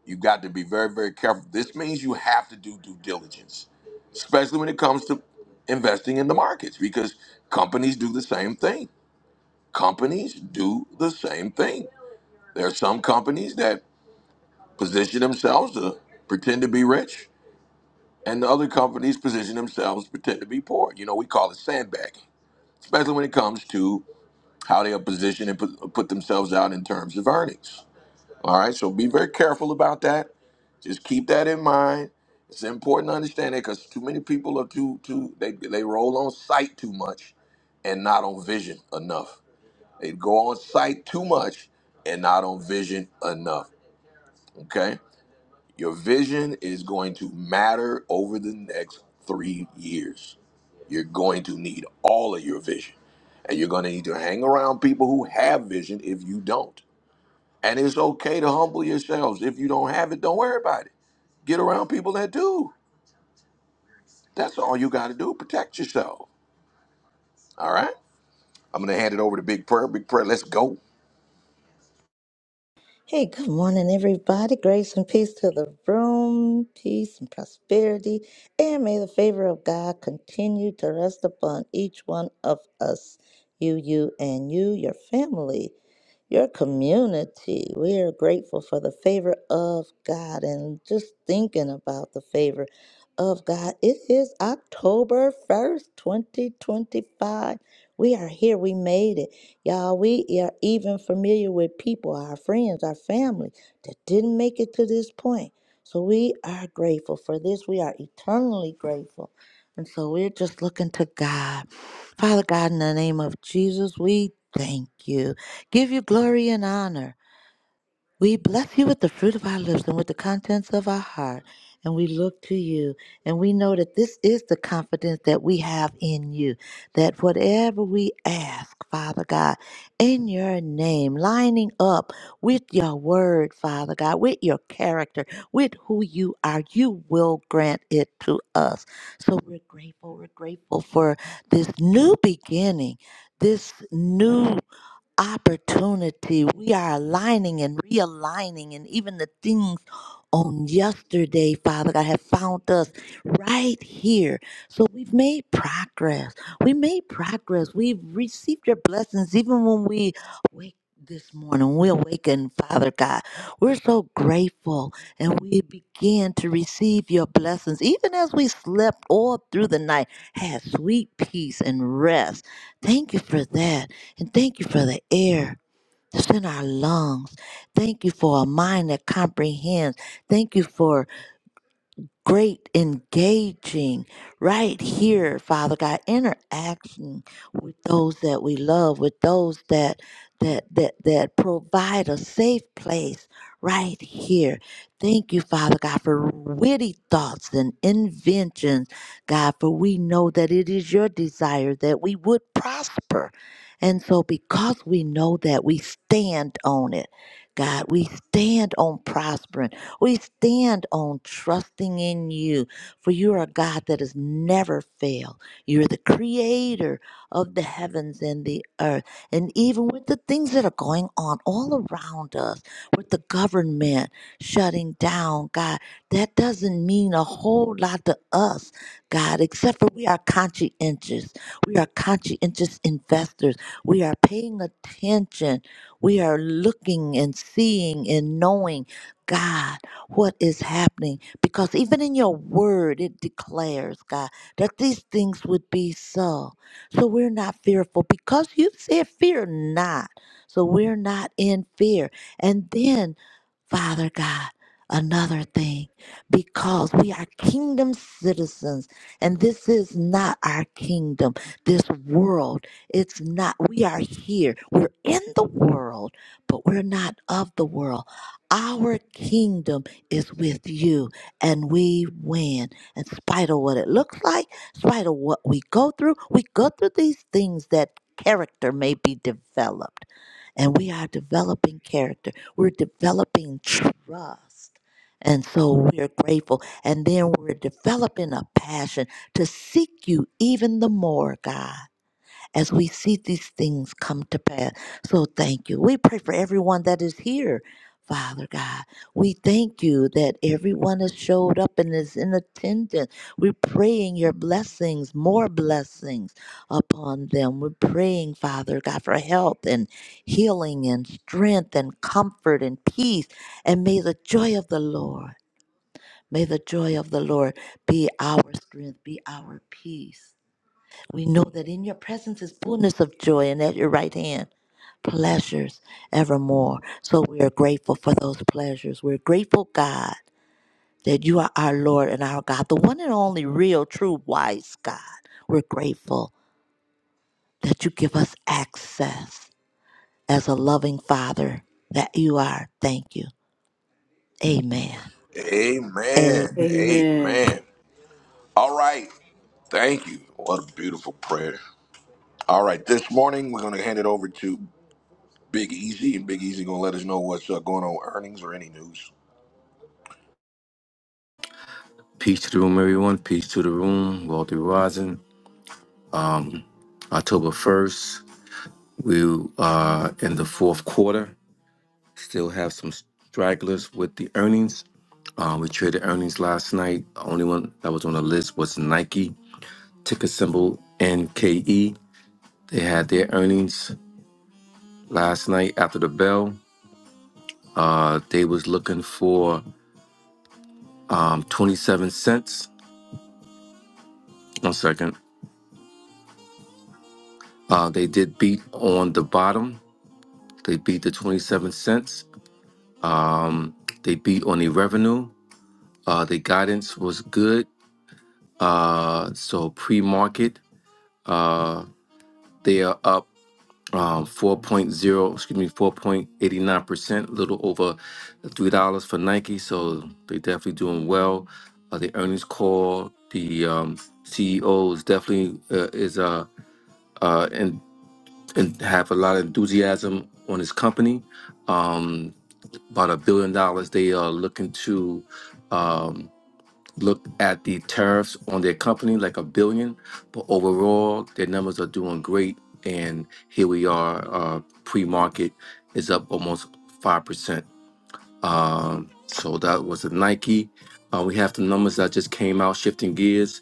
Speaker 1: You got to be very, very careful. This means you have to do due diligence, especially when it comes to investing in the markets, because companies do the same thing. Companies do the same thing. There are some companies that position themselves to pretend to be rich, and the other companies position themselves to pretend to be poor. You know, we call it sandbagging, especially when it comes to how they are positioned and put, put themselves out in terms of earnings. All right, so be very careful about that. Just keep that in mind. It's important to understand that because too many people are too too they they roll on sight too much, and not on vision enough. They go on sight too much and not on vision enough. Okay, your vision is going to matter over the next three years. You're going to need all of your vision, and you're going to need to hang around people who have vision if you don't and it's okay to humble yourselves. If you don't have it, don't worry about it. Get around people that do. That's all you got to do. Protect yourself. All right? I'm going to hand it over to Big Prayer. Big Prayer, let's go.
Speaker 3: Hey, good morning, everybody. Grace and peace to the room, peace and prosperity, and may the favor of God continue to rest upon each one of us, you, you, and you, your family, your community. We are grateful for the favor of God and just thinking about the favor of God. It is October 1st, 2025. We are here. We made it. Y'all, we are even familiar with people, our friends, our family that didn't make it to this point. So we are grateful for this. We are eternally grateful. And so we're just looking to God. Father God, in the name of Jesus, we thank you. Give you glory and honor. We bless you with the fruit of our lips and with the contents of our heart. And we look to you and we know that this is the confidence that we have in you. That whatever we ask, Father God, in your name, lining up with your word, Father God, with your character, with who you are, you will grant it to us. So we're grateful. We're grateful for this new beginning, this new opportunity. We are aligning and realigning, and even the things on yesterday, Father God, have found us right here. So we've made progress. We made progress. We've received your blessings even when we wake. This morning, we awaken, Father God. We're so grateful and we begin to receive your blessings, even as we slept all through the night, had sweet peace and rest. Thank you for that. And thank you for the air that's in our lungs. Thank you for a mind that comprehends. Thank you for great engaging right here, Father God, interaction with those that we love, with those that that that that provide a safe place right here. Thank you, Father God, for witty thoughts and inventions, God, for we know that it is your desire that we would prosper. And so because we know that we stand on it, God, we stand on prospering. We stand on trusting in you, for you are a God that has never failed. You're the creator of the heavens and the earth. And even with the things that are going on all around us, with the government shutting down, God, that doesn't mean a whole lot to us, God, except for we are conscientious. We are conscientious investors. We are paying attention. We are looking and seeing and knowing God what is happening because even in your word it declares god that these things would be so so we're not fearful because you said fear not so we're not in fear and then Father God, another thing, because we are kingdom citizens, and this is not our kingdom, this world. It's not, we are here. We're in the world, but we're not of the world. Our kingdom is with you, and we win. In spite of what it looks like, in spite of what we go through, we go through these things that character may be developed and we are developing character. We're developing trust. And so we're grateful. And then we're developing a passion to seek you even the more, God as we see these things come to pass. So thank you. We pray for everyone that is here, Father God. We thank you that everyone has showed up and is in attendance. We're praying your blessings, more blessings upon them. We're praying, Father God, for health and healing and strength and comfort and peace. And may the joy of the Lord, may the joy of the Lord be our strength, be our peace we know that in your presence is fullness of joy, and at your right hand, pleasures evermore. So we are grateful for those pleasures. We're grateful, God, that you are our Lord and our God, the one and only real, true, wise God. We're grateful that you give us access as a loving Father that you are. Thank you. Amen.
Speaker 1: Amen.
Speaker 3: Amen.
Speaker 4: Amen.
Speaker 1: Amen. All right. Thank you. What a beautiful prayer. All right. This morning, we're going to hand it over to Big Easy, and Big Easy going to let us know what's uh, going on with earnings or any news.
Speaker 7: Peace to the room, everyone. Peace to the room, wealthy rising. October first, we are in the fourth quarter. Still have some stragglers with the earnings. Uh, we traded earnings last night. The only one that was on the list was Nike, ticker symbol NKE. They had their earnings last night after the bell. Uh, they was looking for um, 27 cents. One second. Uh, they did beat on the bottom. They beat the 27 cents. Um, they beat on the revenue. Uh, the guidance was good. Uh, so pre-market. uh, They are up um, 4.0, excuse me, 4.89%, a little over $3 for Nike. So they're definitely doing well. Uh, the earnings call, the um, CEO is definitely uh, is uh, uh, and, and have a lot of enthusiasm on his company. Um, about a billion dollars they are looking to um, looked at the tariffs on their company like a billion, but overall their numbers are doing great. And here we are, uh, pre-market is up almost five percent. Um, so that was a Nike. Uh, we have the numbers that just came out. Shifting gears,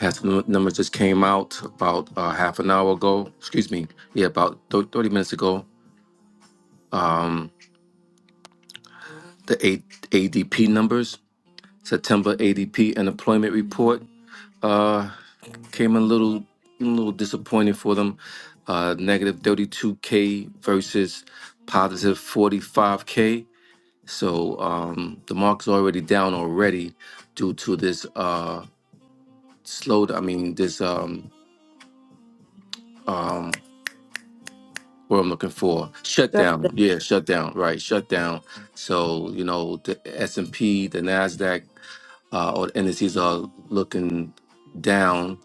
Speaker 7: has the num- numbers just came out about uh, half an hour ago. Excuse me, yeah, about thir- thirty minutes ago. Um, the A- ADP numbers, September ADP unemployment report. uh, Came a little, a little disappointed for them. Uh, negative 32k versus positive 45k. So um, the mark's already down already due to this uh, slow. I mean, this um, um, what I'm looking for
Speaker 4: Sure thing.
Speaker 7: shutdown. Yeah, shutdown. Right, shutdown. So you know the S and P, the Nasdaq. uh, or indices are looking down,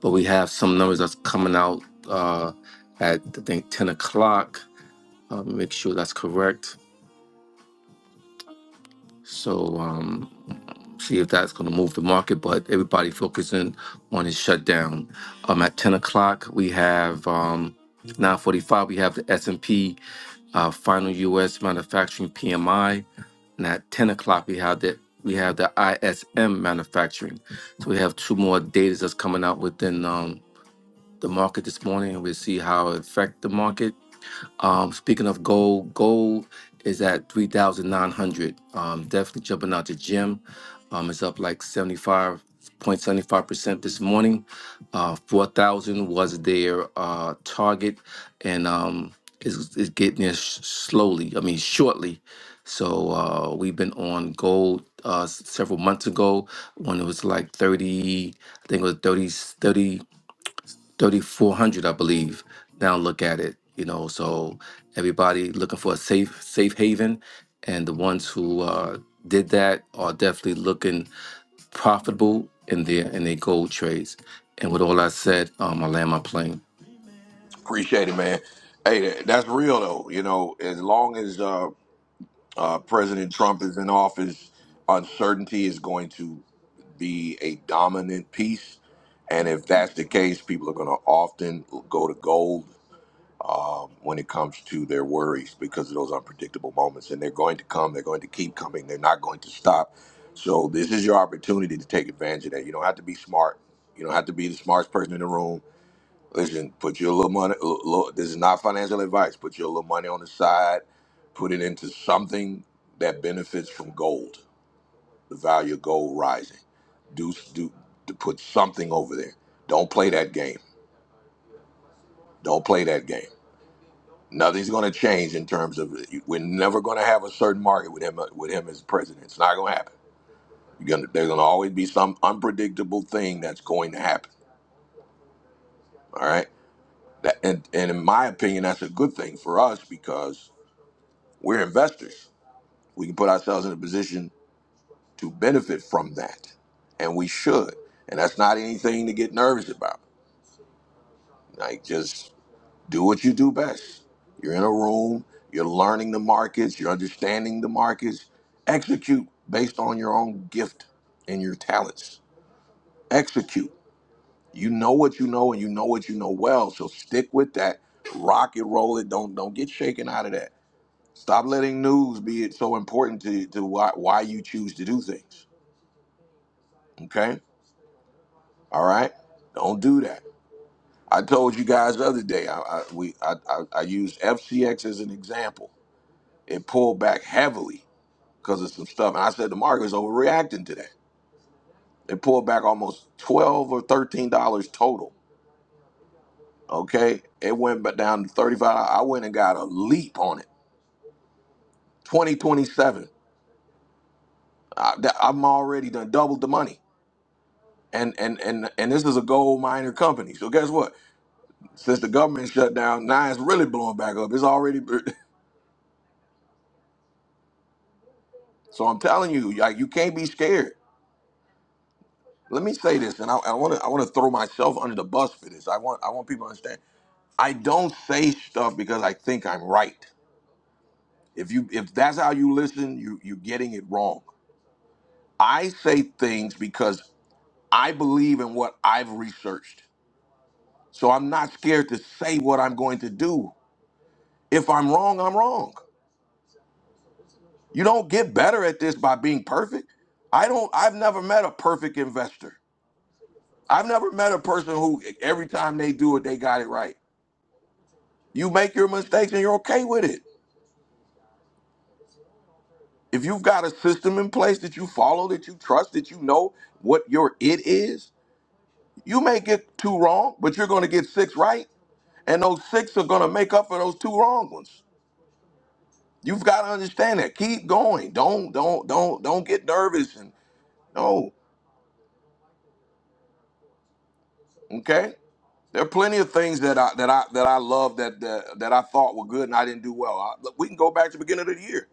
Speaker 7: but we have some numbers that's coming out uh, at I think 10 o'clock. Uh, make sure that's correct. So um, see if that's going to move the market. But everybody focusing on the shutdown. Um, at 10 o'clock we have um, 9:45. We have the S&P uh, final U.S. manufacturing PMI. and at 10 o'clock we have the we have the ISM manufacturing. So we have two more data that's coming out within um, the market this morning, and we'll see how it affect the market. Um, speaking of gold, gold is at 3,900. Um, definitely jumping out the gym. Um, it's up like 75.75% this morning. Uh, 4,000 was their uh, target and um, it's, it's getting there sh- slowly, I mean, shortly. So uh, we've been on gold uh, s- several months ago when it was like 30, I think it was 30, 3400 i believe now look at it you know so everybody looking for a safe safe haven and the ones who uh, did that are definitely looking profitable in their in their gold trades and with all I said um, i land my plane
Speaker 1: Appreciate it, man. Hey, that's real, though. You know, as long as uh, uh, President Trump is in office, uncertainty is going to be a dominant piece. And if that's the case, people are going to often go to gold um, when it comes to their worries because of those unpredictable moments. And they're going to come, they're going to keep coming, they're not going to stop. So, this is your opportunity to take advantage of that. You don't have to be smart, you don't have to be the smartest person in the room. Listen, put your little money. l- l- This is not financial advice. Put your little money on the side. Put it into something that benefits from gold. The value of gold rising. Do do to put something over there. Don't play that game. Don't play that game. Nothing's going to change in terms of we're never going to have a certain market with him uh, with him as president. It's not going to happen. You're gonna, there's going to always be some unpredictable thing that's going to happen. All right. That, and, and in my opinion, that's a good thing for us because We're investors. We can put ourselves in a position to benefit from that, and we should. And that's not anything to get nervous about. Like, just do what you do best. You're in a room, you're learning the markets, you're understanding the markets. Execute based on your own gift and your talents. Execute. You know what you know, and you know what you know well. So stick with that. Rock it, roll it. Don't don't get shaken out of that Stop letting news be it so important to, to why, why you choose to do things. Okay? All right? Don't do that. I told you guys the other day, I, I, we, I, I, I used FCX as an example. It pulled back heavily because of some stuff. And I said the market is overreacting to that. It pulled back almost 12 or $13 total. Okay? It went but down to 35 I went and got a leap on it. 2027. I, I'm already done doubled the money. and and and and this is a gold miner company. So guess what? Since the government shut down, now it's really blowing back up. It's already. So I'm telling you, like you can't be scared. Let me say this, and I want to I want to throw myself under the bus for this. I want I want people to understand. I don't say stuff because I think I'm right. If you if that's how you listen, you you're getting it wrong. I say things because I believe in what I've researched. So I'm not scared to say what I'm going to do. If I'm wrong, I'm wrong. You don't get better at this by being perfect. I don't I've never met a perfect investor. I've never met a person who every time they do it, they got it right. You make your mistakes and you're okay with it. If you've got a system in place that you follow, that you trust, that you know what your it is, you may get two wrong, but you're gonna get six right. And those six are gonna make up for those two wrong ones. You've got to understand that. Keep going. Don't don't don't don't get nervous and no. Okay, there are plenty of things that I that I that I love that that, that I thought were good and I didn't do well. I, look, we can go back to the beginning of the year.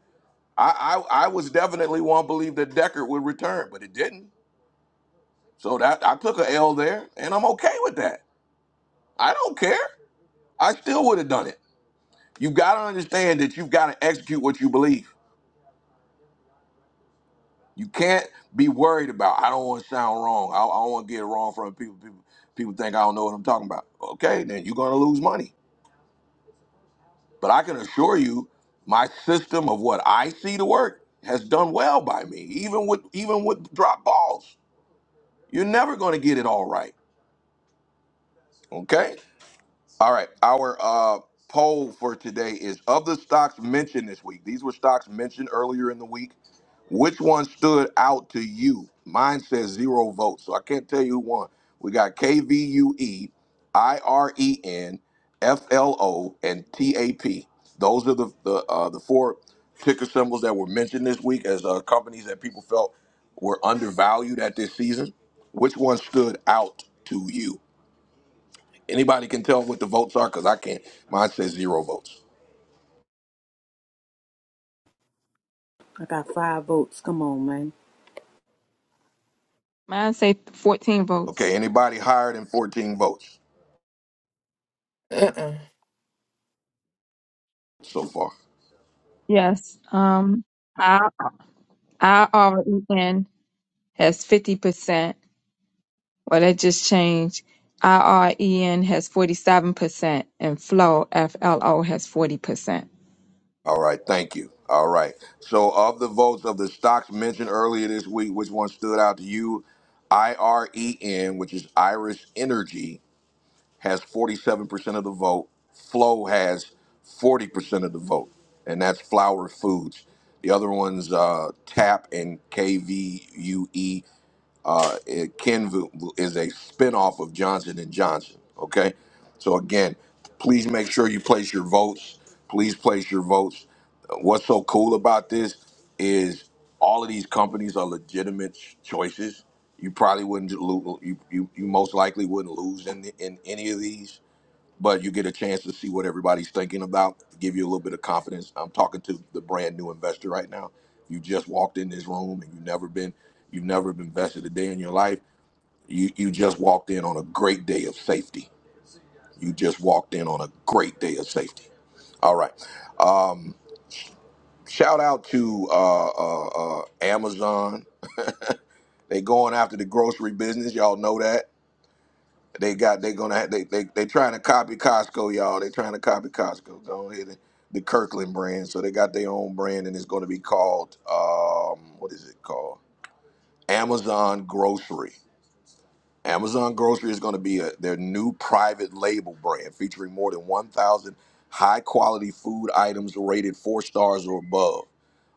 Speaker 1: I, I I was definitely one believe that Deckard would return, but it didn't. So that I took a L there, and I'm okay with that. I don't care. I still would have done it. You got to understand that you've got to execute what you believe. You can't be worried about. I don't want to sound wrong. I, I don't want to get it wrong from people. People people think I don't know what I'm talking about. Okay, then you're gonna lose money. But I can assure you, my system of what I see to work has done well by me, even with even with drop balls. You're never going to get it all right. Okay? All right. Our uh, poll for today is of the stocks mentioned this week. These were stocks mentioned earlier in the week. Which one stood out to you? Mine says zero votes, so I can't tell you who won. We got KVUE, IREN, and TAP. Those are the the uh, the four ticker symbols that were mentioned this week as uh, companies that people felt were undervalued at this season. Which one stood out to you? Anybody can tell what the votes are because I can't. Mine says zero votes.
Speaker 4: I got five votes. Come on, man.
Speaker 2: mine say fourteen
Speaker 1: Okay,
Speaker 2: votes.
Speaker 1: anybody higher than 14 votes
Speaker 5: Uh-uh.
Speaker 1: so far?
Speaker 2: Yes. Um, our our R E N has fifty percent. Well, that just changed. IREN has 47% and FLO, FLO has 40%.
Speaker 1: All right, thank you. All right. So, of the votes of the stocks mentioned earlier this week, which one stood out to you? IREN, which is Irish Energy, has 47% of the vote. Flo has 40% of the vote, and that's Flower Foods. The other one's uh, TAP and KVUE. Uh, it- Kenvu is a spinoff of Johnson& and Johnson, okay? So again, please make sure you place your votes. Please place your votes. What's so cool about this is all of these companies are legitimate ch- choices. You probably wouldn't lo- you, you you most likely wouldn't lose in the, in any of these, but you get a chance to see what everybody's thinking about, give you a little bit of confidence. I'm talking to the brand new investor right now. You just walked in this room and you've never been you've never been vested a day in your life. You you just walked in on a great day of safety. You just walked in on a great day of safety. All right. Um, Shout out to uh, uh, uh, Amazon. They going after the grocery business. Y'all know that. They got they gonna have, they they they trying to copy Costco, y'all. They trying to copy Costco. Don't hit it. The Kirkland brand. So they got their own brand and it's gonna be called um what is it called? Amazon Grocery. Amazon Grocery is going to be a, their new private label brand featuring more than 1,000 high quality food items rated four stars or above.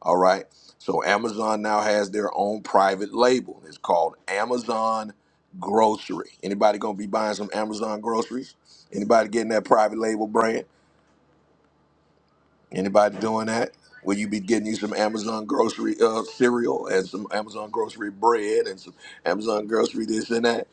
Speaker 1: All right. So Amazon now has their own private label. It's called Amazon Grocery. Anybody going to be buying some Amazon groceries? Anybody getting that private label brand? Anybody doing that? Will you be getting you some Amazon grocery uh, cereal and some Amazon grocery bread and some Amazon grocery this and that?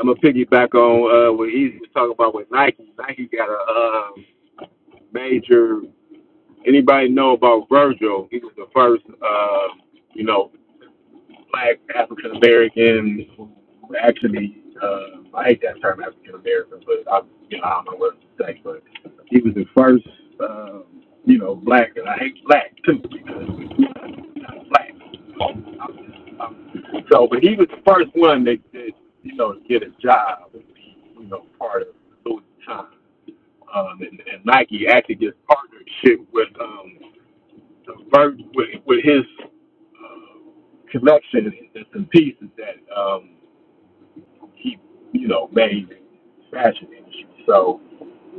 Speaker 8: I'm gonna piggyback on uh, what Easy was talking about with Nike. Nike got a uh, major. Anybody know about Virgil? He was the first. Uh, you know. black African American actually uh, I hate that term African American, but I you know I don't know what to say, but he was the first um, you know black, and I hate black too because I'm not black. I'm just, I'm, so, but he was the first one that, that you know to get a job and be you know part of Louis Vuitton. Um, and, and Nike actually just partnership with um, the Vir- with, with his connections and pieces that um, keep, you know, made in fashion industry. So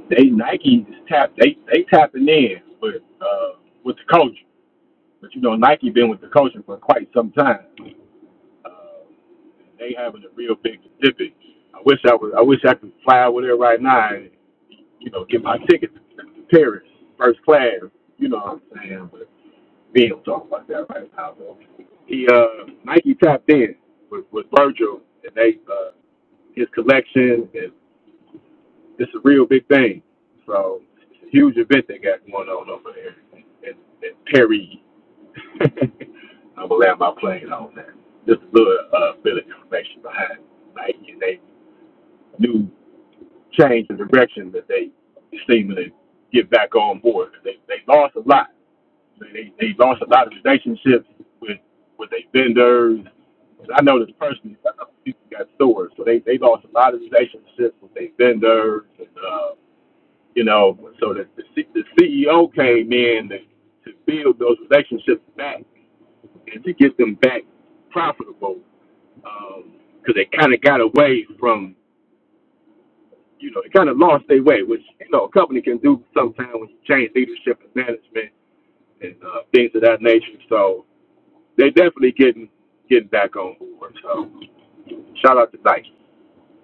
Speaker 8: they Nike is tap they they tapping in with uh, with the culture. But you know, Nike been with the culture for quite some time. Uh, they having a real big exhibit. I wish I was I wish I could fly over there right now and, you know, get my ticket to Paris, first class, you know what I'm saying? But Ben will talk about that right now. though. He uh Nike tapped in with, with Virgil and they uh his collection and it's a real big thing. So it's a huge event they got going on over there in, in Perry. I'm gonna land my plane on that. Just a little uh bit of information behind Nike and they new change in direction that they seeming to get back on board. They they lost a lot They, they lost a lot of relationships with with their vendors. I know this personally. I know people got stores, so they they lost a lot of relationships with their vendors, and uh, you know, so that the, C- the CEO came in to, to build those relationships back and to get them back profitable, because they kind of got away from you know they kind of lost their way, which you know a company can do sometimes when you change leadership and management and uh, things of that nature. So They definitely getting getting back on board. So shout out to Nike.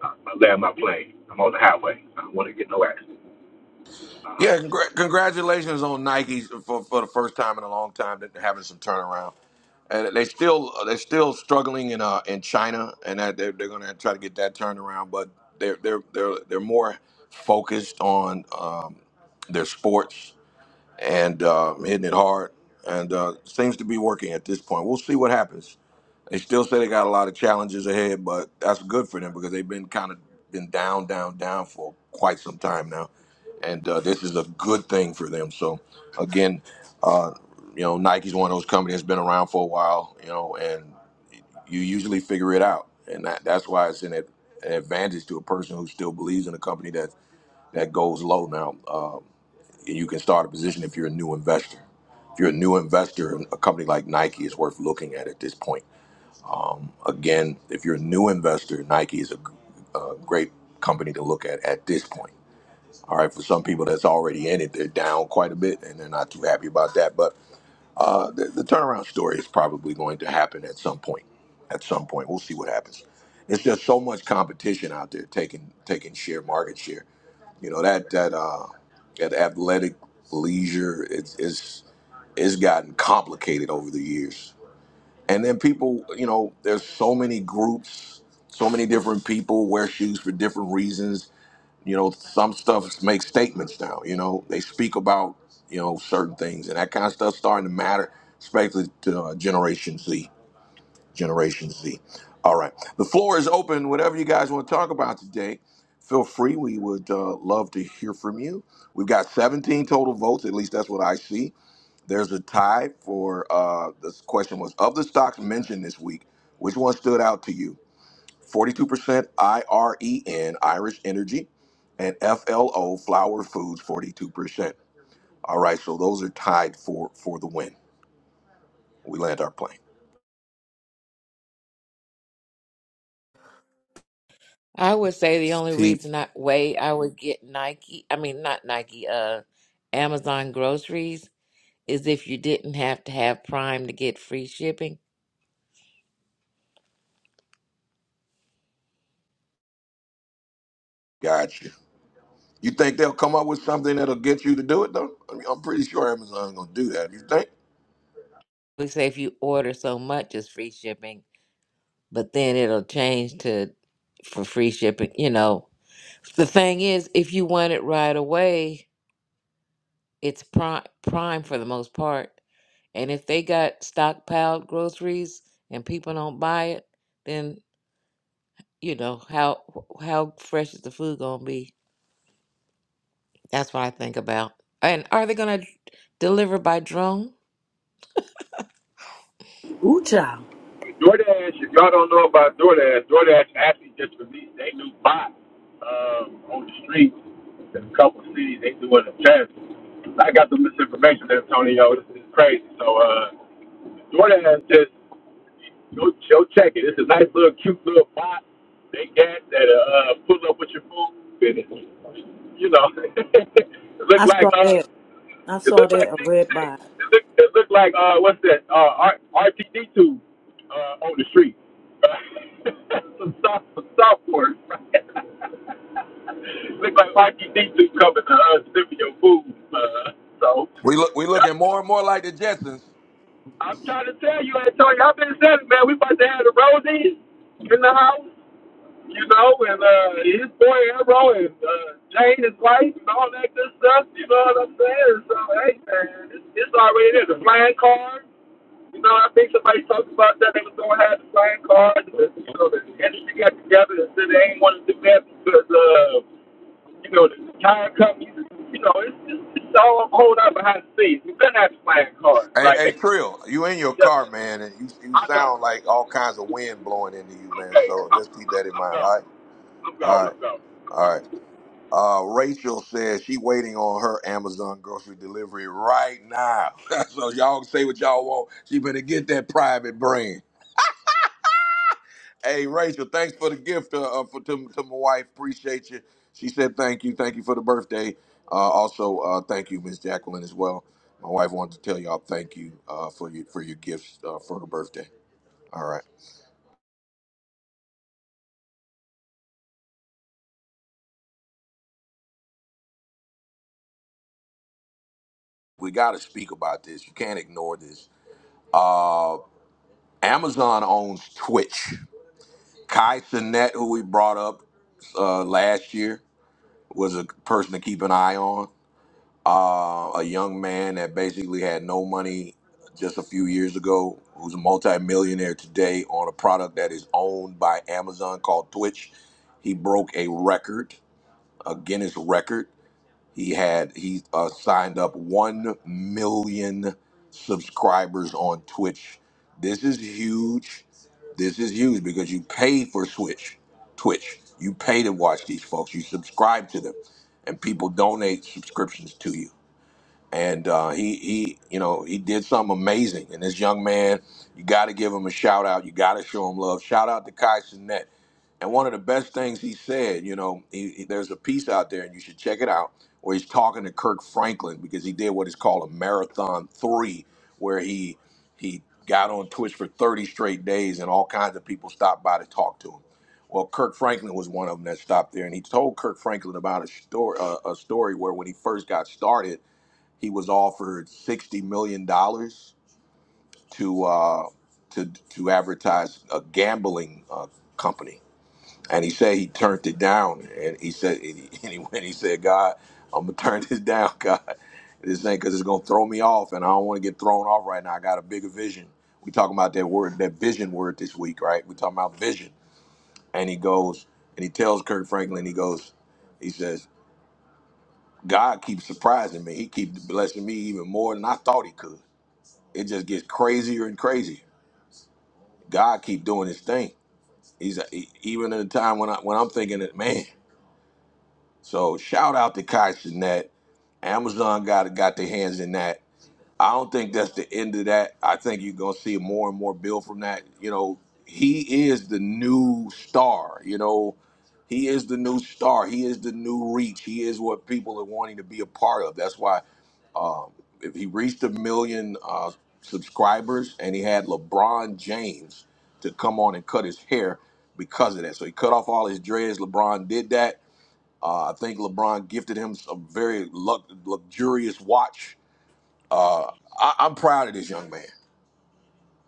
Speaker 8: I I land my plane. I'm on the highway. I don't want to get no accident. I'll holler
Speaker 1: Yeah,
Speaker 8: at y'all.
Speaker 1: congr- congratulations on Nike for, for the first time in a long time that they're having some turnaround. And they still they're still struggling in uh in China, and that they're, they're going to try to get that turned around. But they're they're they're they're more focused on um, their sports and um, hitting it hard, and uh, seems to be working at this point. We'll see what happens. They still say they got a lot of challenges ahead, but that's good for them because they've been kind of been down, down, down for quite some time now, and uh, this is a good thing for them. So, again, uh, you know, Nike's one of those companies that's been around for a while, you know, and you usually figure it out, and that, that's why it's an, ad, an advantage to a person who still believes in a company that that goes low. Now, uh, you can start a position if you're a new investor. If you're a new investor, a company like Nike is worth looking at at this point Again, if you're a new investor, Nike is a, a great company to look at at this point. All right, for some people that's already in it, they're down quite a bit and they're not too happy about that. But uh, the, the turnaround story is probably going to happen at some point. At some point, we'll see what happens. It's just so much competition out there taking taking share, market share. You know that that uh, that athletic leisure it's, it's it's gotten complicated over the years and then people, you know, there's so many groups, so many different people wear shoes for different reasons. You know, some stuff makes statements now. You know, they speak about you know certain things, and that kind of stuff starting to matter, especially to uh, Generation Z. Generation Z. All right, the floor is open. Whatever you guys want to talk about today, feel free. We would uh, love to hear from you. We've got 17 total votes. At least that's what I see there's a tie for uh, this question was of the stocks mentioned this week, which one stood out to you? 42% IREN, Irish Energy, and FLO, Flower Foods, 42%. All right, so those are tied for for the win. We land our plane.
Speaker 6: I would say the only reason I way I would get Nike, I mean not Nike, uh Amazon groceries is if you didn't have to have Prime to get free shipping.
Speaker 1: Gotcha. You think they'll come up with something that'll get you to do it though? I mean, I'm pretty sure Amazon's gonna do that. You think?
Speaker 6: We say if you order so much it's free shipping, but then it'll change to for free shipping, you know. The thing is, if you want it right away, it's prime prime for the most part. And if they got stockpiled groceries and people don't buy it, then you know how how fresh is the food gonna be that's what i think about and are they gonna deliver by drone
Speaker 4: Ooh, child.
Speaker 8: With DoorDash, if y'all don't know about DoorDash, DoorDash actually just released a new bot um, on the streets in a couple of cities. They doing a test. I got the misinformation, there, Antonio. This is crazy. So. uh Jordan has just go, go check it. It's a nice little cute little box. they got that uh uh, pull up with your food and it, you know it look
Speaker 4: I
Speaker 8: like
Speaker 4: saw
Speaker 8: uh
Speaker 4: that. I
Speaker 8: it
Speaker 4: saw
Speaker 8: look like
Speaker 4: that a red bot.
Speaker 8: It look it look like uh what's that? Uh R RPD two uh on the street. some soft some sophomores. look like RPD two coming to uh sniffing your food. Uh so
Speaker 1: We look we looking more and more like the Jetsons.
Speaker 8: I'm trying to tell you, Antonio, I've been saying, man, we about to have the Rosie in the house, you know, and uh, his boy Arrow and uh, Jane, his wife, and all that good stuff. You know what I'm saying? So hey, man, it's, it's already there. The flying card. You know, I think somebody talked about that. They was gonna have the flying card. But, you know, the industry got together and said they ain't want to do that because, uh, you know, the tire companies. You know, it's, it's, it's all a whole lot behind the scenes. We better have the flying cards,
Speaker 1: Hey,
Speaker 8: right?
Speaker 1: hey,
Speaker 8: They,
Speaker 1: Trill, you in your
Speaker 8: just
Speaker 1: car, man, and you you
Speaker 8: I know.
Speaker 1: sound like all kinds of wind blowing into you, man.
Speaker 8: Okay.
Speaker 1: So
Speaker 8: I'm,
Speaker 1: just keep
Speaker 8: I'm,
Speaker 1: that in
Speaker 8: I'm
Speaker 1: mind.
Speaker 8: gone.
Speaker 1: All right,
Speaker 8: I'm gone.
Speaker 1: all right,
Speaker 8: I'm gone.
Speaker 1: all right. Uh, Rachel says she waiting on her Amazon grocery delivery right now. so y'all say what y'all want. She better get that private brand. Hey, Rachel, thanks for the gift uh, uh, for to, to my wife. Appreciate you. She said thank you, thank you for the birthday. Uh, also, uh, thank you, Miss Jacqueline, as well. My wife wanted to tell y'all thank you uh, for your for your gifts uh, for her birthday. All right. We got to speak about this. You can't ignore this. Uh, Amazon owns Twitch. Kai Sinet, who we brought up uh, last year, was a person to keep an eye on. Uh, a young man that basically had no money just a few years ago, who's a multimillionaire today on a product that is owned by Amazon called Twitch. He broke a record, a Guinness record He had he uh, signed up one million subscribers on Twitch. This is huge. This is huge because you pay for Switch, Twitch. You pay to watch these folks. You subscribe to them, and people donate subscriptions to you and uh, he he you know he did something amazing. And this young man, you got to give him a shout out. You got to show him love. Shout out to Kai Sinet. And one of the best things he said, you know, he, he- there's a piece out there, and you should check it out, where he's talking to Kirk Franklin because he did what is called a marathon three, where he he got on Twitch for 30 straight days, and all kinds of people stopped by to talk to him. Well, Kirk Franklin was one of them that stopped there, and he told Kirk Franklin about a story, uh, a story where when he first got started he was offered sixty million dollars to uh, to to advertise a gambling uh, company, and he said he turned it down. And he said, and he, and he went- he said, God, I'm gonna turn this down, God. This ain't because it's gonna throw me off, and I don't want to get thrown off right now. I got a bigger vision. We talking about that word, that vision word this week, right? We talking about vision, and he goes and he tells Kirk Franklin, he goes, he says, God keeps surprising me. He keeps blessing me even more than I thought he could. it just gets crazier and crazier. God keep doing his thing. He's he, even in a time when I when I'm thinking that man. So shout out to Kai Sinet. Amazon got got their hands in that. I don't think that's the end of that. I think you're gonna see more and more build from that. You know, he is the new star. You know, he is the new star. He is the new reach. He is what people are wanting to be a part of. That's why. if he reached a million uh, subscribers and he had LeBron James to come on and cut his hair because of that. So he cut off all his dreads. LeBron did that. Uh, I think LeBron gifted him a very lux- luxurious watch. I- I'm proud of this young man.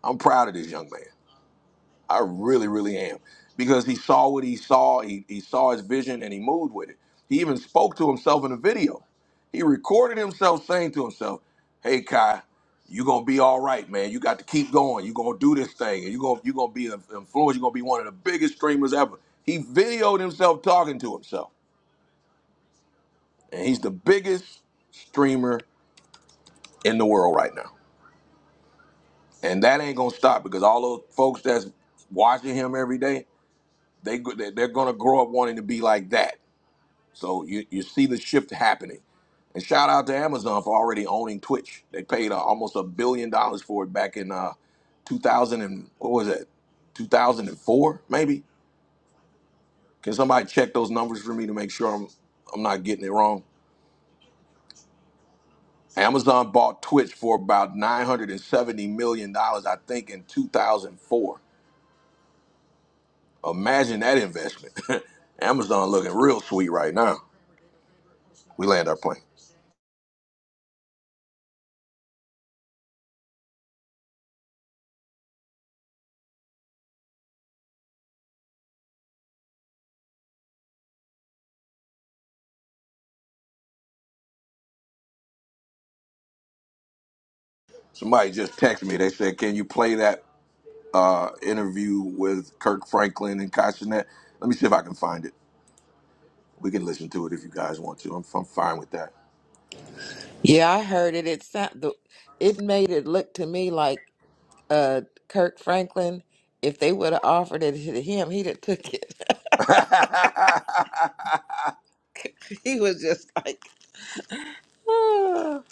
Speaker 1: I'm proud of this young man. I really, really am. Because he saw what he saw, he, he saw his vision and he moved with it. He even spoke to himself in the video. He recorded himself saying to himself, Hey Kai, you're gonna be all right, man. You got to keep going. You're gonna do this thing, and you're gonna you're gonna be an influencer, you're gonna be one of the biggest streamers ever. He videoed himself talking to himself. And he's the biggest streamer in the world right now. And that ain't gonna stop because all those folks that's watching him every day, they go- they- they're gonna grow up wanting to be like that So you, you see the shift happening. And shout out to Amazon for already owning Twitch. They paid uh, almost a billion dollars for it back in uh, 2000 and what was it? 2004 maybe. Can somebody check those numbers for me to make sure I'm I'm not getting it wrong? Amazon bought Twitch for about 970 million dollars I think in 2004. Imagine that investment. Amazon looking real sweet right now. We land our plane. Somebody just texted me. They said, "Can you play that uh, interview with Kirk Franklin and Kashnet. Let me see if I can find it. We can listen to it if you guys want to. I'm, I'm fine with that.
Speaker 6: Yeah, I heard it. It sound, the- it made it look to me like uh Kirk Franklin. If they would have offered it to him, he'd have took it. he was just like, "Ah."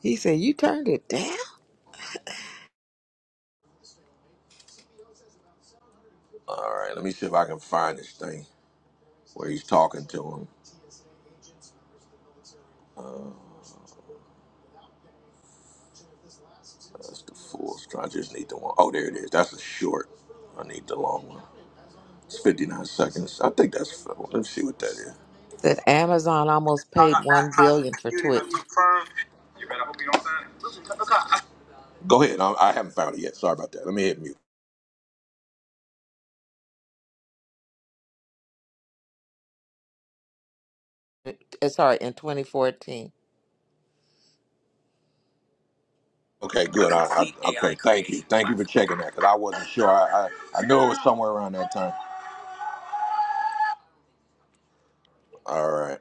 Speaker 6: he said, "You turned it down."
Speaker 1: All right, let me see if I can find this thing where he's talking to him. That's the full. I just need the one. Oh, there it is. That's a short. I need the long one. It's 59 seconds. I think that's. Let me see what that is.
Speaker 6: Said Amazon almost
Speaker 1: I
Speaker 6: paid
Speaker 1: got
Speaker 6: one
Speaker 1: baptized in
Speaker 6: billion
Speaker 1: the
Speaker 6: for
Speaker 1: community. i
Speaker 6: Twitch.
Speaker 1: confirmed. You better hope you don't sign it. Go ahead. I, I haven't found it yet. Sorry about that. Let me hit mute.
Speaker 6: Uh, Sorry, in 2014,
Speaker 1: Okay, good. I, I, okay, thank you. Thank you for checking that because I wasn't sure. I, I I knew it was somewhere around that time. All right,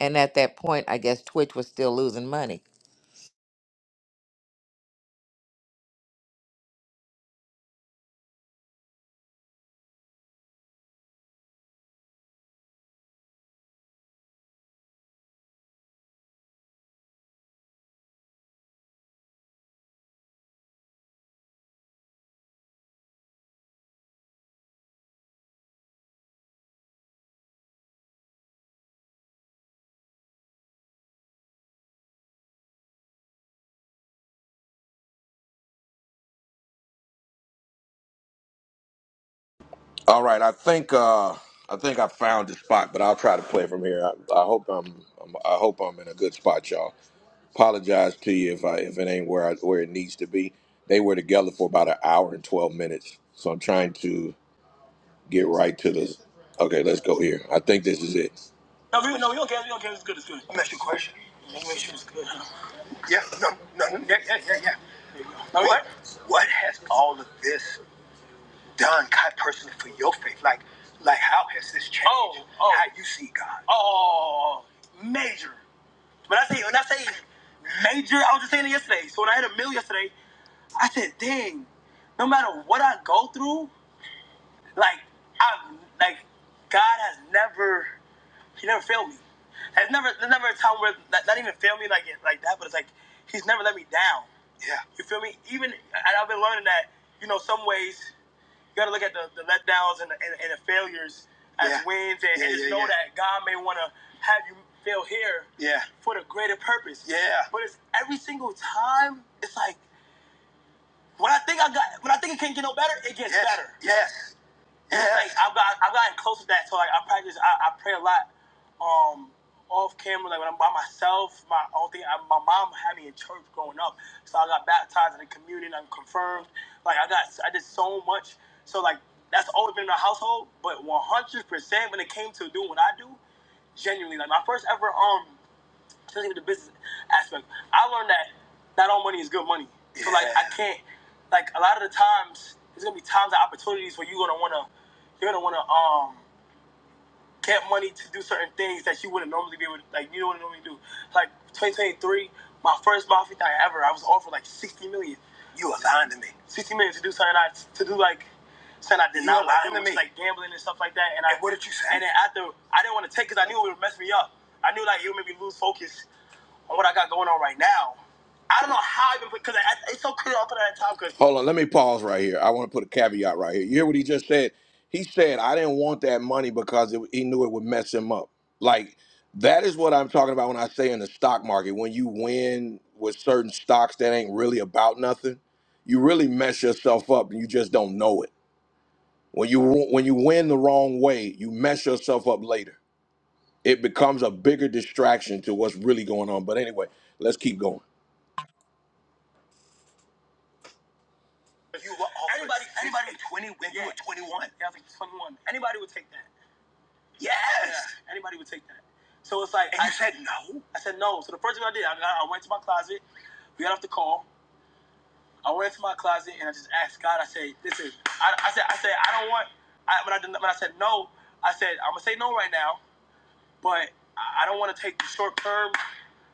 Speaker 6: and at that point, I guess Twitch was still losing money.
Speaker 1: all right. I think uh, I think I found the spot, but I'll try to play from here. I, I hope I'm, I'm I hope I'm in a good spot, y'all. Apologize to you if I if it ain't where I, where it needs to be. They were together for about an hour and twelve minutes, so I'm trying to get right to the. Okay, let's go here. I think this is it. No, we, no, we don't care. We don't care. It's good. It's good. Let me ask you a question. Yeah, no, no, no, yeah, yeah, yeah, yeah. All right. What, what has all of this done, God, personally, for your faith? Like, like, how has this changed oh, oh. how you see God? Oh, major. When I say when I say major, I was just saying it yesterday. So when I had a meal yesterday, I said, "Dang, no matter what I go through, like, I've like, God has never." He never failed me. There's never there's never a time where not, not even failed me like like that, but it's like he's never let me down. Yeah. You feel me? Even and I've been learning that you know some ways you got to look at the, the letdowns and the, and, and the failures as Yeah. wins and, yeah, and Yeah, just yeah, know yeah. that God may want to have you fail here. Yeah. For the greater purpose. Yeah. But it's every single time it's like when I think I got when I think it can't get no better, it gets Yes, better. Yes. like I've got I've gotten close to that. So like I practice I, I pray a lot um off camera, like when I'm by myself, my own thing I, my mom had me in church growing up. So I got baptized in the communion, I'm confirmed. Like I got I did so much. So like that's always been in the household, but one hundred percent when it came to doing what I do, genuinely like my first ever um especially with the business aspect. I learned that not all money is good money. Yeah. So like I Yeah. can't like a lot of the times there's gonna be times and opportunities where you're gonna wanna you're gonna wanna um get money to do certain things that you wouldn't normally be able to like you do not normally do. Like twenty twenty three, my first mafia thing ever, I was offered like sixty million. You were lying to me. Sixty million to do something I to do like something I did you not were like, to me. like gambling and stuff like that. And, and I, what did you say? And then after I didn't want to take because I knew it would mess me up. I knew like it would make me lose focus on what I got going on right now. I don't know how I even put because it's so clear up at that time. Because Hold on, let me pause right here. I want to put a caveat right here. You hear what he just said? He said, I didn't want that money because it, he knew it would mess him up. Like, that is what I'm talking about when I say in the stock market, when you win with certain stocks that ain't really about nothing, you really mess yourself up and you just don't know it. When you when you win the wrong way, you mess yourself up later. It becomes a bigger distraction to what's really going on. But anyway, let's keep going. You were anybody. Anybody with twenty when yeah. you were twenty one. Yeah, I was like twenty one. Anybody would take that. Yes. Yeah, anybody would take that. So it's like and I you said no. I said no. So the first thing I did, I, I went to my closet. We got off the call. I went to my closet and I just asked God. I said, "Listen, I, I said, I said, I don't want." I, when I did, when I said no, I said I'm gonna say no right now, but I I don't want to take the short term.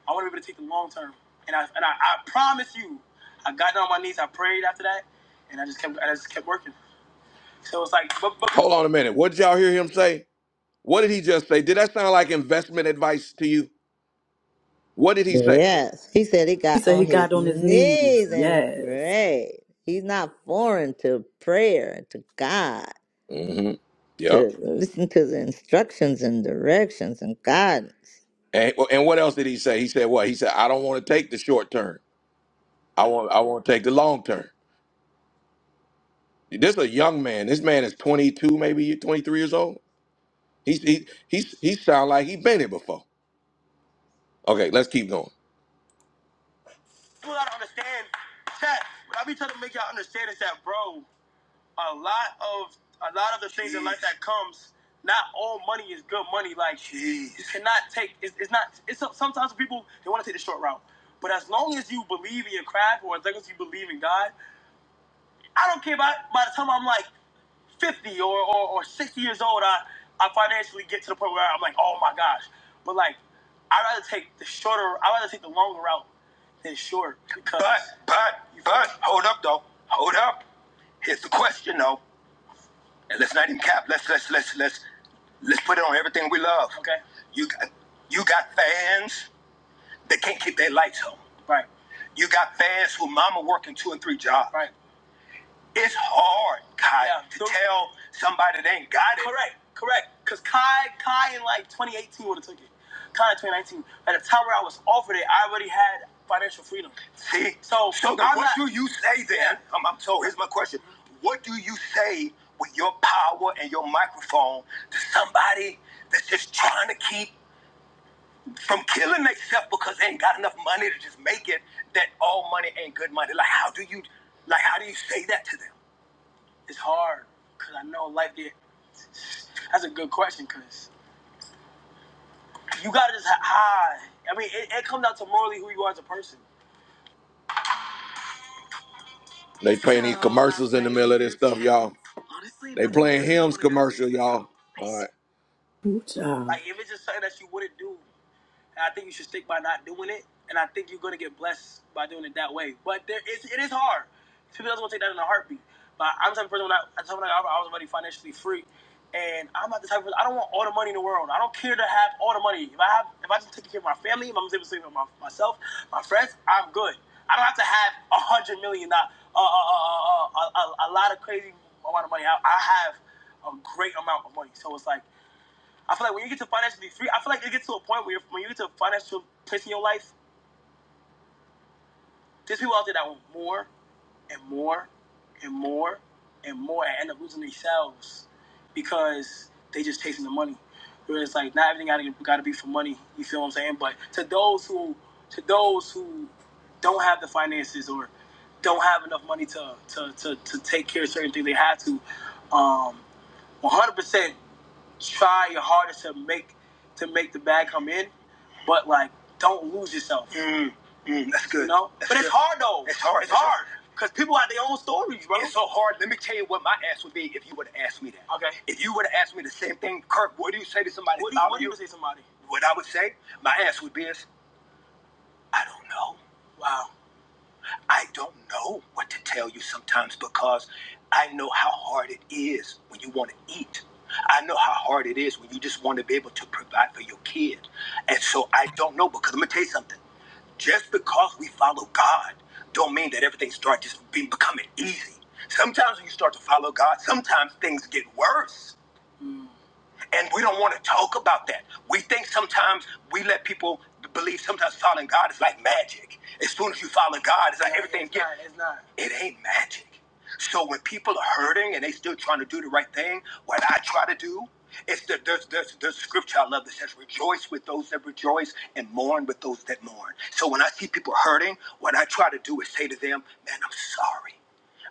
Speaker 1: I want to be able to take the long term. And I and I, I promise you, I got down on my knees. I prayed after that, and I just kept I just kept working. So it's like, but, but Hold on a minute. What did y'all hear him say? What did he just say? Did that sound like investment advice to you? What did he say?
Speaker 3: Yes, he said he
Speaker 4: He
Speaker 3: got
Speaker 4: said he
Speaker 3: on his
Speaker 4: got on his knees.
Speaker 3: knees and
Speaker 4: Yes.
Speaker 3: prayed. He's not foreign to prayer and to God.
Speaker 1: Mm-hmm. Yep.
Speaker 3: to listen to the instructions and directions and guidance.
Speaker 1: And, well, and what else did he say? He said what? He said, I don't want to take the short term. I want I want to take the long term. This is a young man. This man is 22, maybe 23 years old. He's he he's he sound like he been here before. Okay, let's keep going. people gotta understand, chat. What I be trying to make y'all understand is that, bro. a lot of a lot of the things Jeez. in life that comes. Not all money is good money. Like Jeez. you cannot take. It's, it's not. It's sometimes people they want to take the short route. But as long as you believe in your craft, or as long as you believe in God, I don't care about. By the time I'm like 50 or or, or 60 years old, I I financially get to the point where I'm like, oh my gosh. But like, I'd rather take the shorter. I'd rather take the longer route than short because. But, but, but, hold up though. Hold up. Here's the question though. And Let's not even cap. Let's let's let's let's let's put it on everything we love. Okay. You got you got fans that can't keep their lights on. Right. You got fans who mama working two and three jobs. Right. It's hard, Kai, Yeah. to The, tell somebody they ain't got it. correct, correct. Cause Kai, Kai in like 2018 would have took it. Kai in 2019. At the time where I was offered it, I already had financial freedom. See? So So then I'm what not. do you say Yeah. then? Yeah. Um, I'm, so here's my question. What do you say with your power and your microphone to somebody that's just trying to keep from killing themselves because they ain't got enough money to just make it that all money ain't good money? Like how do you like how do you say that to them? It's hard because I know life there. That's a good question because you gotta just hide. I mean, it, it comes down to morally who you are as a person. They playing these commercials in the middle of this stuff, y'all. They playing hymns commercial, y'all. All right.
Speaker 4: Ooh, child.
Speaker 1: Like if it's just something that you wouldn't do. And I think you should stick by not doing it. And I think you're gonna get blessed by doing it that way. But there is it is hard. People doesn't want to take that in a heartbeat. But I'm the type of person when I, I, told when I was already financially free. And I'm not the type of person, I don't want all the money in the world. I don't care to have all the money. If I have if I just take care of my family, if I'm able to take care of my, myself, my friends, I'm good. I don't have to have a hundred million dollars, uh, uh, uh, uh, uh, a, a, a lot of crazy amount of money. I, I have a great amount of money. So it's like I feel like when you get to financially free, I feel like it gets to a point where when you get to a financial place in your life, there's people out there that want more and more and more and more and end up losing themselves because they just chasing the money. Whereas like not everything gotta gotta be for money. You feel what I'm saying? But to those who to those who don't have the finances or don't have enough money to to, to, to take care of certain things they have to, um, 100% try your hardest to make to make the bag come in, but like don't lose yourself. Mm, mm, that's good. You know? That's but good. it's hard though. It's hard. It's it's hard. Because people have their own stories, bro. It's so hard. Let me tell you what my ass would be if you would have asked me that. Okay. If you would have asked me the same thing, Kirk, what do you say to somebody What do you what do you say to somebody? What I would say, my ass would be is, I don't know. I don't know what to tell you sometimes because I know how hard it is when you want to eat. I know how hard it is when you just want to be able to provide for your kid. And so I don't know because I'm going to tell you something. Just because we follow God don't mean that everything starts just being becoming easy. Sometimes when you start to follow God, sometimes things get worse. And we don't want to talk about that. We think sometimes we let people believe sometimes following God is like magic. As soon as you follow God, it's like No, everything it's gets. Not, it's not. It ain't magic. So when people are hurting and they still trying to do the right thing, what I try to do is the, there's, there's, there's a scripture I love that says, rejoice with those that rejoice and mourn with those that mourn. So when I see people hurting, what I try to do is say to them, man, I'm sorry.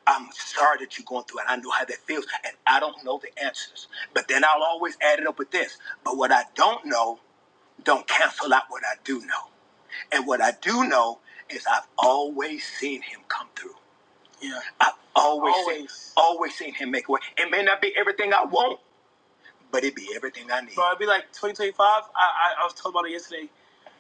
Speaker 1: I'm sorry that you're going through it. I know how that feels, and I don't know the answers. But then I'll always add it up with this. But what I don't know, don't cancel out what I do know. And what I do know is I've always seen him come through. Yeah. I've always, seen- always. Seen, always seen him make a way. It may not be everything I want, but it be everything I need. So it'd be like 2025. I, I, I was told about it yesterday.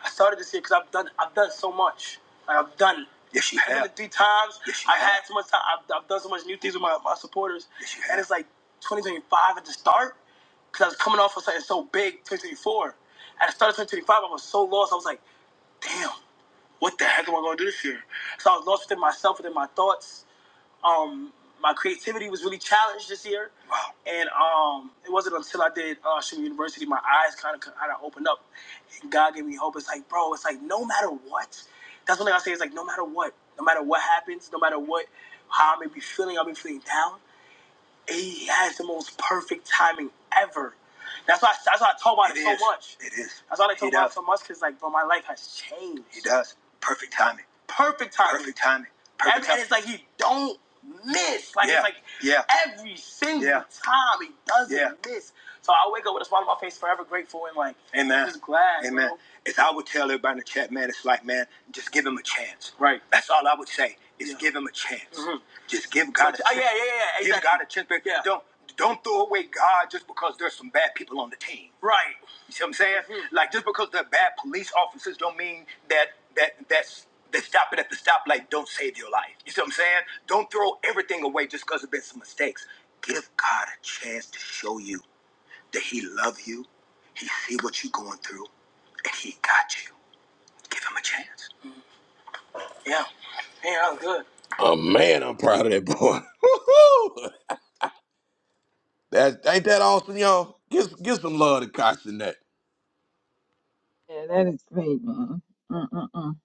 Speaker 1: I started this year because I've done I've done so much. Like, I've done. Yes, you I've have. Done it three times. Yes, you I have. had so much time. I've, I've done so much new things with my, my supporters. Yes, you have. and it's like 2025 at the start because I was coming off of something so big, 2024. At the start of 2025, I was so lost. I was like, damn, what the heck am I going to do this year? So I was lost within myself, within my thoughts um my creativity was really challenged this year. Wow. And um it wasn't until I did uh Shuma University my eyes kind of kind of opened up and God gave me hope. It's like, bro, it's like no matter what. That's one thing I say, it's like no matter what, no matter what happens, no matter what how I may be feeling, I may be feeling down, he has the most perfect timing ever. That's why that's why I talk about it, It so is. much. It is. That's why I talk He about does. it so much because like bro, my life has changed. He does. Perfect timing perfect timing. Perfect timing. Perfect Every- timing. and it's like he don't miss. Like yeah. it's Yeah. like yeah. every single Yeah. time he doesn't Yeah. miss. So I wake up with a smile on my face, forever grateful and like Amen. just glad. Amen. bro. If I would tell everybody in the chat, man, it's like, man, just give him a chance. Right. That's all I would say. Is Yeah. give him a chance. Mhm. Just give God a chance. Oh, yeah, yeah, yeah. Exactly. Give exactly. God a chance. but Yeah. Don't don't throw away God just because there's some bad people on the team. Right. You see what I'm saying? Mhm. Like just because they're bad police officers don't mean that that that's they stop it at the stoplight don't save your life. You see what I'm saying? Don't throw everything away just because there's been some mistakes. Give God a chance to show you that He loves you, He see what you're going through, and He got you. Give Him a chance. Oh man, I'm proud of that boy. Woo-hoo! that ain't that awesome, y'all. Give give some love to Kosh in that.
Speaker 2: Yeah, that is great, man. Mm-mm-mm.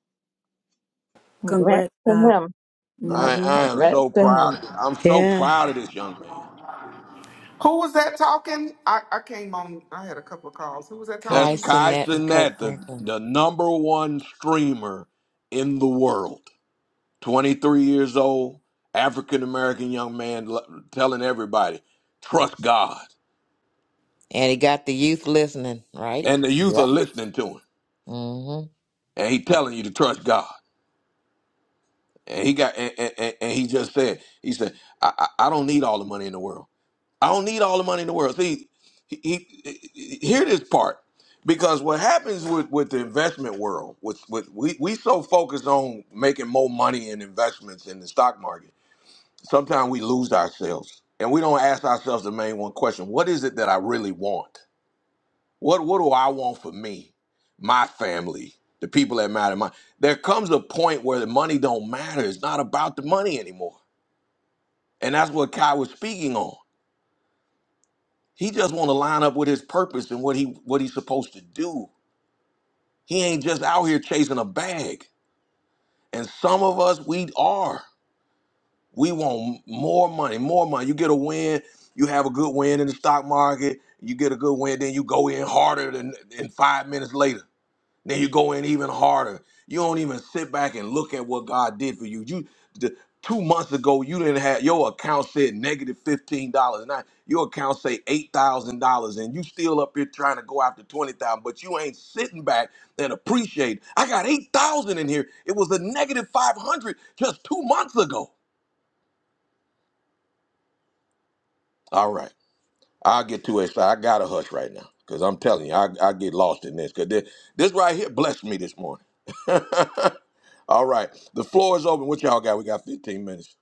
Speaker 2: Congrats
Speaker 4: Congrats,
Speaker 2: to
Speaker 4: God.
Speaker 2: him. Yep,
Speaker 1: I,
Speaker 4: Mm-hmm.
Speaker 1: I am
Speaker 2: congrats
Speaker 1: so
Speaker 2: to
Speaker 1: proud.
Speaker 2: him.
Speaker 1: Of, I'm so
Speaker 3: Yeah.
Speaker 1: proud of this young man.
Speaker 10: Who was that talking? I, I came on. I had a couple of calls. Who was that
Speaker 1: That's
Speaker 6: Kai
Speaker 10: talking?
Speaker 1: Kai
Speaker 6: Sinet and
Speaker 1: Sinet,
Speaker 6: Kirk
Speaker 1: the,
Speaker 6: Franklin.
Speaker 1: the number one streamer in the world. 23 years old, African American young man l- telling everybody, trust God.
Speaker 6: And he got the youth listening, right?
Speaker 1: And the youth are
Speaker 6: Yep.
Speaker 1: listening to him.
Speaker 6: Mm-hmm.
Speaker 1: And he telling you to trust God. And he got and, and, and and he just said, he said, I, I I don't need all the money in the world. I don't need all the money in the world. See, he, he, he- hear this part because what happens with, with the investment world, with, with we we so focused on making more money in investments in the stock market, sometimes we lose ourselves and we don't ask ourselves the main one question: What is it that I really want? What what do I want for me, my family, the people that matter? My there comes a point where the money don't matter. It's not about the money anymore, and that's what Kai was speaking on. He just want to line up with his purpose and what he what he's supposed to do. He ain't just out here chasing a bag. And some of us we are. We want more money, more money. You get a win, you have a good win in the stock market. You get a good win, then you go in harder than, than five minutes later. Then you go in even harder. You don't even sit back and look at what God did for you. You the, two months ago, you didn't have your account said negative fifteen dollars. Now your account say eight thousand dollars, and you still up here trying to go after twenty thousand, but you ain't sitting back and appreciate. I got eight thousand in here. It was a negative five hundred just two months ago. All right. I'll get too excited. I got to hush right now because I'm telling you, I, I get lost in this because this, this right here blessed me this morning. All right, the floor is open. What y'all got? We got 15 minutes.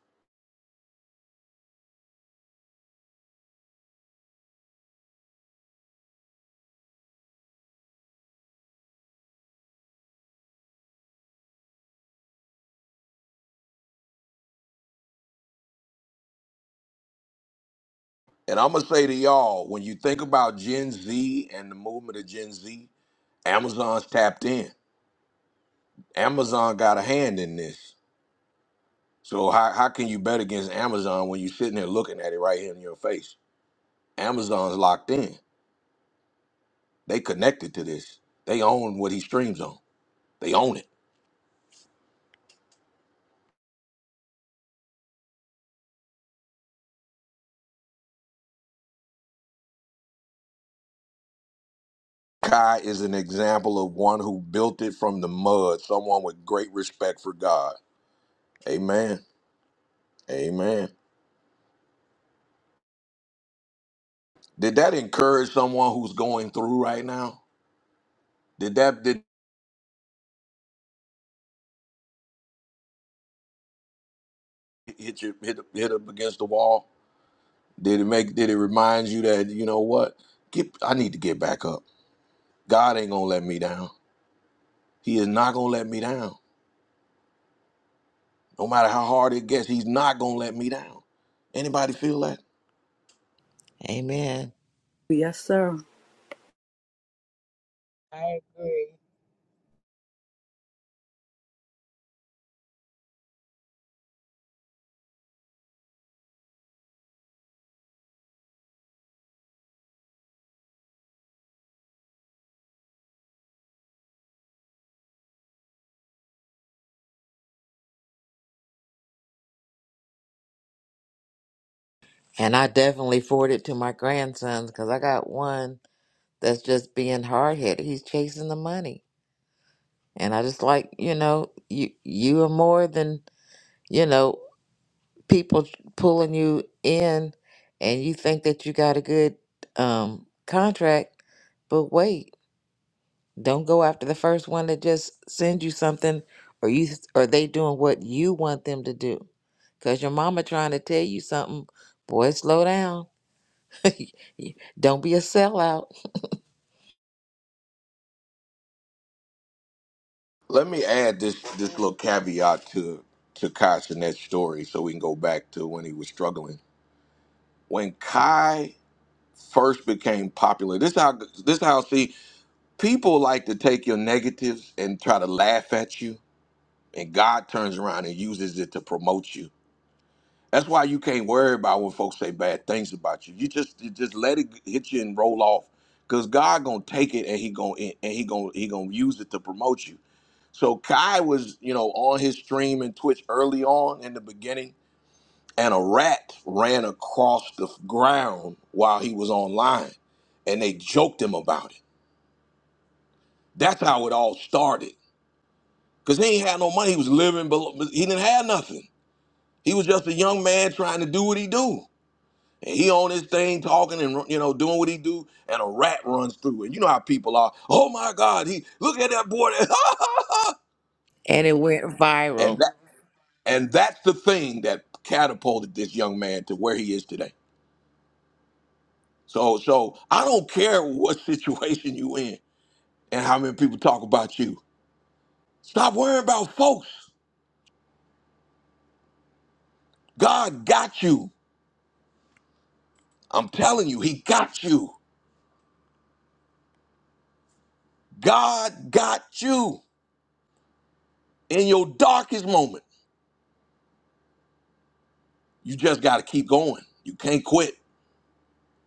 Speaker 1: And I'm going to say to y'all, when you think about Gen Z and the movement of Gen Z, Amazon's tapped in. Amazon got a hand in this. So how, how can you bet against Amazon when you're sitting there looking at it right here in your face? Amazon's locked in. They connected to this. They own what he streams on. They own it. Kai is an example of one who built it from the mud, someone with great respect for God. Amen. Amen. Did that encourage someone who's going through right now? Did that did it hit you hit hit up against the wall? Did it make did it remind you that you know what? Get I need to get back up. God ain't gonna let me down. He is not gonna let me down. No matter how hard it gets, he's not gonna let me down. Anybody feel that?
Speaker 6: Amen.
Speaker 4: Yes, sir.
Speaker 11: I agree.
Speaker 6: And I definitely forward it to my grandsons because I got one that's just being hard headed. He's chasing the money, and I just like you know you you are more than you know people pulling you in, and you think that you got a good um contract, but wait. Don't go after the first one that just sends you something or you or they doing what you want them to do. Cause your mama trying to tell you something, boy, slow down. Y- Don't be a sellout.
Speaker 1: Let me add this this little caveat to to Kai Sinet's story, so we can go back to when he was struggling. When Kai first became popular, this how this how see people like to take your negatives and try to laugh at you, and God turns around and uses it to promote you. That's why you can't worry about when folks say bad things about you. You just you just let it hit you and roll off, cause God gonna take it and he gonna and he gonna he gonna use it to promote you. So Kai was, you know, on his stream and Twitch early on in the beginning, and a rat ran across the ground while he was online, and they joked him about it. That's how it all started. Cause he ain't had no money. He was living below. He didn't have nothing. He was just a young man trying to do what he do. And he on his thing talking and you know doing what he do, and a rat runs through. And you know how people are. Oh my God! He look at that boy.
Speaker 6: And it went
Speaker 1: and
Speaker 6: viral.
Speaker 1: that and that's the thing that catapulted this young man to where he is today. So, so I don't care what situation you in and how many people talk about you. Stop worrying about folks. God got you. I'm telling you, He got you. God got you in your darkest moment. You just got to keep going. You can't quit.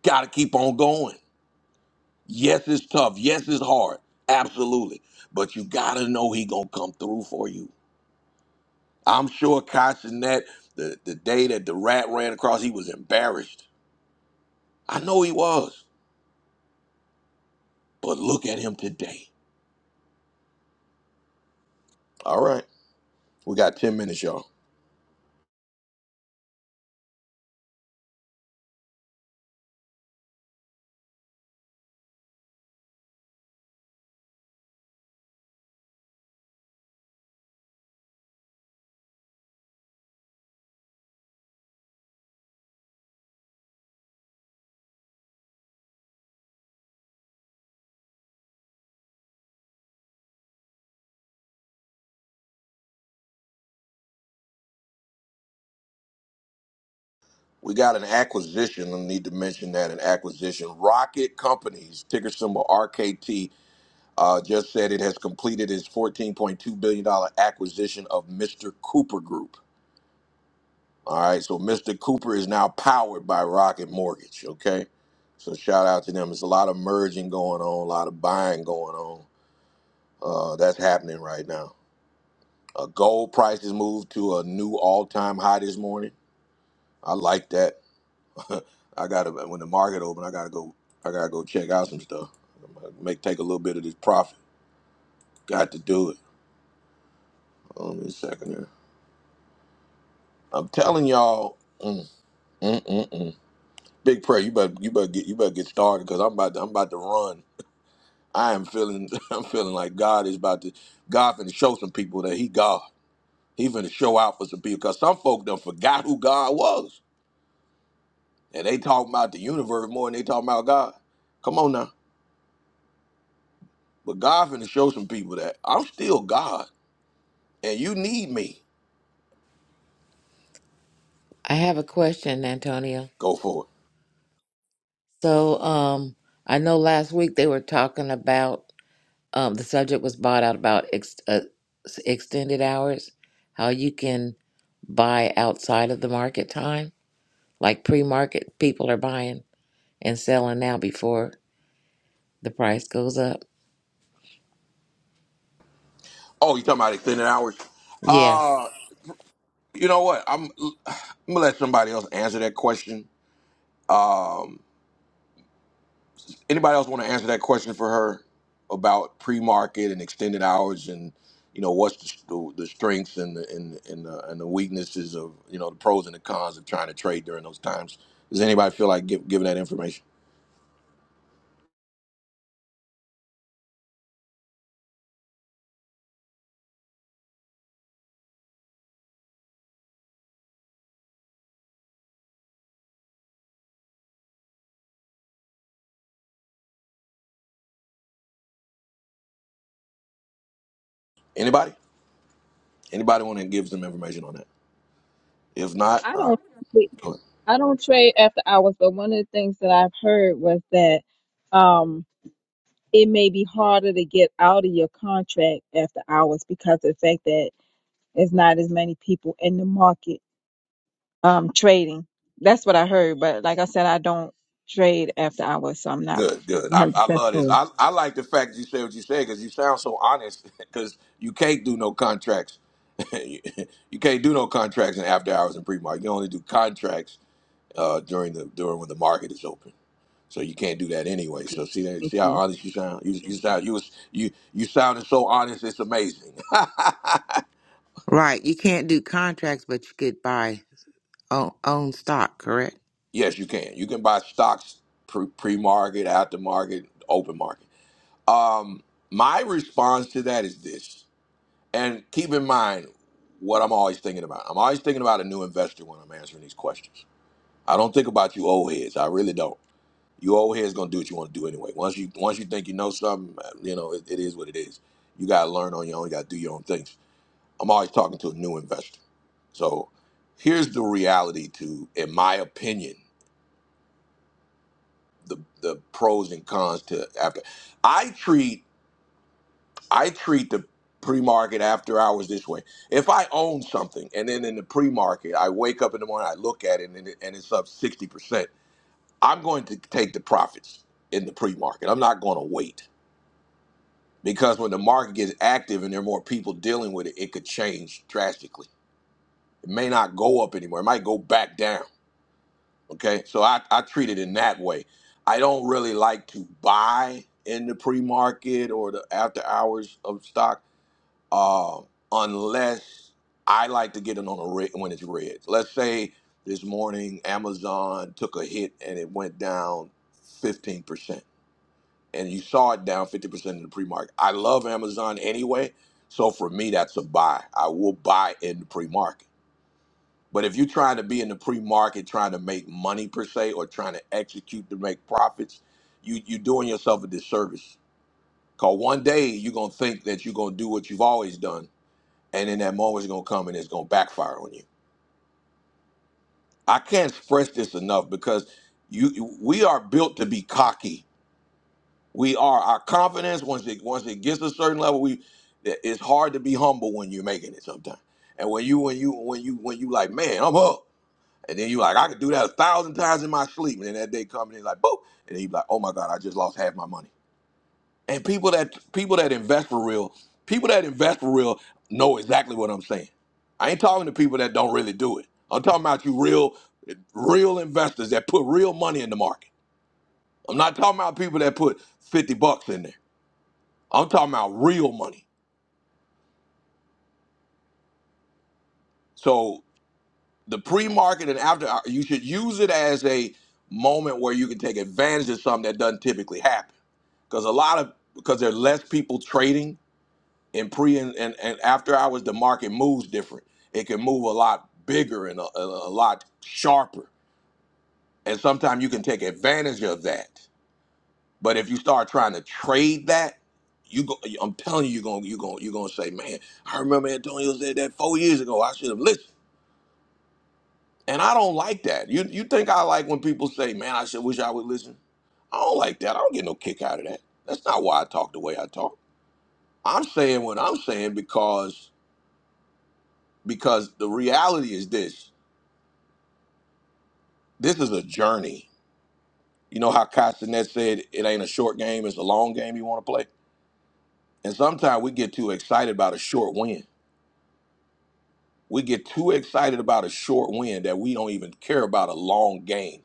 Speaker 1: Got to keep on going. Yes, it's tough. Yes, it's hard. Absolutely. But you got to know He gonna come through for you I'm sure Kashnet, the, the day that the rat ran across, he was embarrassed. I know he was, but look at him today. All right. We got 10 minutes, y'all. We got an acquisition. I need to mention that an acquisition. Rocket Companies, ticker symbol RKT, uh, just said it has completed its $14.2 billion dollars acquisition of Mr. Cooper Group. All right. So Mr. Cooper is now powered by Rocket Mortgage. Okay. So shout out to them. There's a lot of merging going on, a lot of buying going on. Uh, that's happening right now. Uh, gold prices moved to a new all-time high this morning. I like that. I gotta when the market open, I gotta go. I gotta go check out some stuff. I'm gonna Make take a little bit of this profit. Got to do it. Hold on a second here. I'm telling y'all, mm, mm, mm, mm. big prayer. You better you better get you better get started because I'm about to, I'm about to run. I am feeling I'm feeling like God is about to God finna show some people that He God. He finna show out for some people because some folk done forgot who God was. And they talk about the universe more than they talk about God. Come on now. But God finna show some people that I'm still God and you need me.
Speaker 6: I have a question, Antonio.
Speaker 1: Go for it.
Speaker 6: So um I know last week they were talking about um the subject was bought out about ex- uh, s- extended hours, how you can buy outside of the market time, like pre-market people are buying. and selling now before the price goes up.
Speaker 1: Oh, you talking about extended hours?
Speaker 6: Yes.
Speaker 1: Uh, you know what? I'm I'm gonna let somebody else answer that question. Anybody else want to answer that question for her about pre-market and extended hours and you know what's the, the, strengths and the, and and the, and the weaknesses of you know the pros and the cons of trying to trade during those times? Does anybody feel like give, giving that information? Anybody? Anybody want to give some information on that? If not,
Speaker 2: I
Speaker 1: uh,
Speaker 2: don't
Speaker 1: good,
Speaker 2: I don't trade after hours, but one of the things that I've heard was that um it may be harder to get out of your contract after hours because of the fact that there's not as many people in the market. um trading. That's what I heard, but like I said, I don't trade after hours, so I'm not
Speaker 1: good. good. I,
Speaker 2: 100
Speaker 1: I
Speaker 2: percent
Speaker 1: love this.
Speaker 2: sure.
Speaker 1: I, I like the fact that you say what you say because you sound so honest. Because you can't do no contracts. you can't do no contracts in after hours and pre market. You only do contracts uh, during the during when the market is open. So you can't do that anyway. So see that see
Speaker 2: Okay.
Speaker 1: how honest you sound. You you sound you was- you you sounded so honest. It's amazing.
Speaker 6: Right. You can't do contracts, but you could buy own, own stock, correct?
Speaker 1: yes, you can. You can buy stocks pre market, after market, open market. Um, my response to that is this, and keep in mind what I'm always thinking about. I'm always thinking about a new investor when I'm answering these questions. I don't think about you old heads. I really don't. You old heads gonna do what you want to do anyway. Once you once you think you know something, uh, you know it, it is what it is. You gotta learn on your own. You gotta do your own things. I'm always talking to a new investor. So here's the reality to, in my opinion, the the pros and cons to after. I treat I treat the pre-market after hours this way. If I own something and then in the pre-market, I wake up in the morning, I look at it and, it, and it's up 60%, I'm going to take the profits in the pre-market. I'm not going to wait because when the market gets active and there are more people dealing with it, it could change drastically. It may not go up anymore. It might go back down. Okay. So I, I treat it in that way. I don't really like to buy in the pre-market or the after hours of stock uh, unless I like to get it on a red when it's red. Let's say this morning Amazon took a hit and it went down 15%, and you saw it down 50% in the pre-market. I love Amazon anyway, so for me that's a buy. I will buy in the pre-market. But if you're trying to be in the pre-market, trying to make money per se, or trying to execute to make profits, you you're doing yourself a disservice. Cause one day you're gonna think that you're gonna do what you've always done and then that moment's gonna come and it's gonna backfire on you. I can't stress this enough because you you- we are built to be cocky. We are our confidence once it once it gets a certain level, we it's hard to be humble when you're making it sometimes. And when you when you when you when you like, man, I'm up. And then you like, I could do that a thousand times in my sleep. And then that day comes and it's like, boom. And then you like, oh my God, I just lost half my money. And people that people that invest for real, people that invest for real know exactly what I'm saying. I ain't talking to people that don't really do it. I'm talking about you real real investors that put real money in the market. I'm not talking about people that put 50 bucks in there. I'm talking about real money. So the pre-market and after uh, you should use it as a moment where you can take advantage of something that doesn't typically happen. Because a lot of because there are less people trading in pre and, and, and after hours the market moves different it can move a lot bigger and a, a a lot sharper and sometimes you can take advantage of that but if you start trying to trade that you go, I'm telling you, you're gonna you're gonna you're gonna say, man, I remember Antonio said that four years ago. I should have listened, and I don't like that. You you think I like when people say, man, I should wish I would listen? I don't like that. I don't get no kick out of that. That's not why I talk the way I talk. I'm saying what I'm saying because because the reality is this this is a journey you know how Castanet said it ain't a short game it's a long game you want to play and sometimes we get too excited about a short win we get too excited about a short win that we don't even care about a long game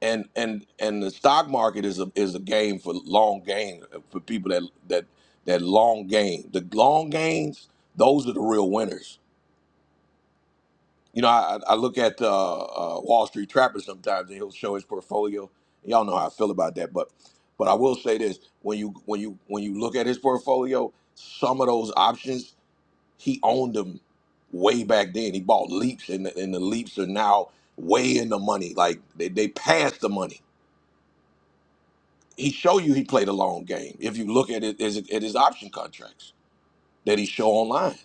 Speaker 1: and and and the stock market is a is a game for long game for people that that that long game the long games those are the real winners You know, I, I look at uh, uh, Wall Street Trapper sometimes, and he'll show his portfolio. Y'all know how I feel about that, but but I will say this: when you when you when you look at his portfolio, some of those options he owned them way back then. He bought leaps, and the, and the leaps are now way in the money. Like they they passed the money. He show you he played a long game. If you look at it as at his option contracts that he show online,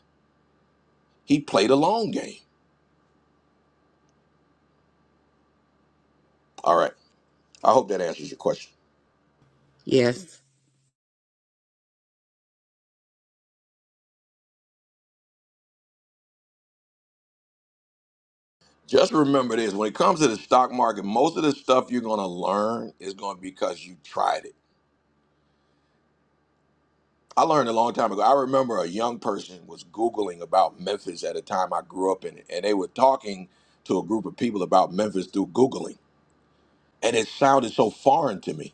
Speaker 1: he played a long game. All right, I hope that answers your question.
Speaker 6: Yes.
Speaker 1: Just remember this when it comes to the stock market, most of the stuff you're going to learn is going to be because you tried it. I learned a long time ago. I remember a young person was Googling about Memphis at a time I grew up in it, and they were talking to a group of people about Memphis through Googling. And it sounded so foreign to me.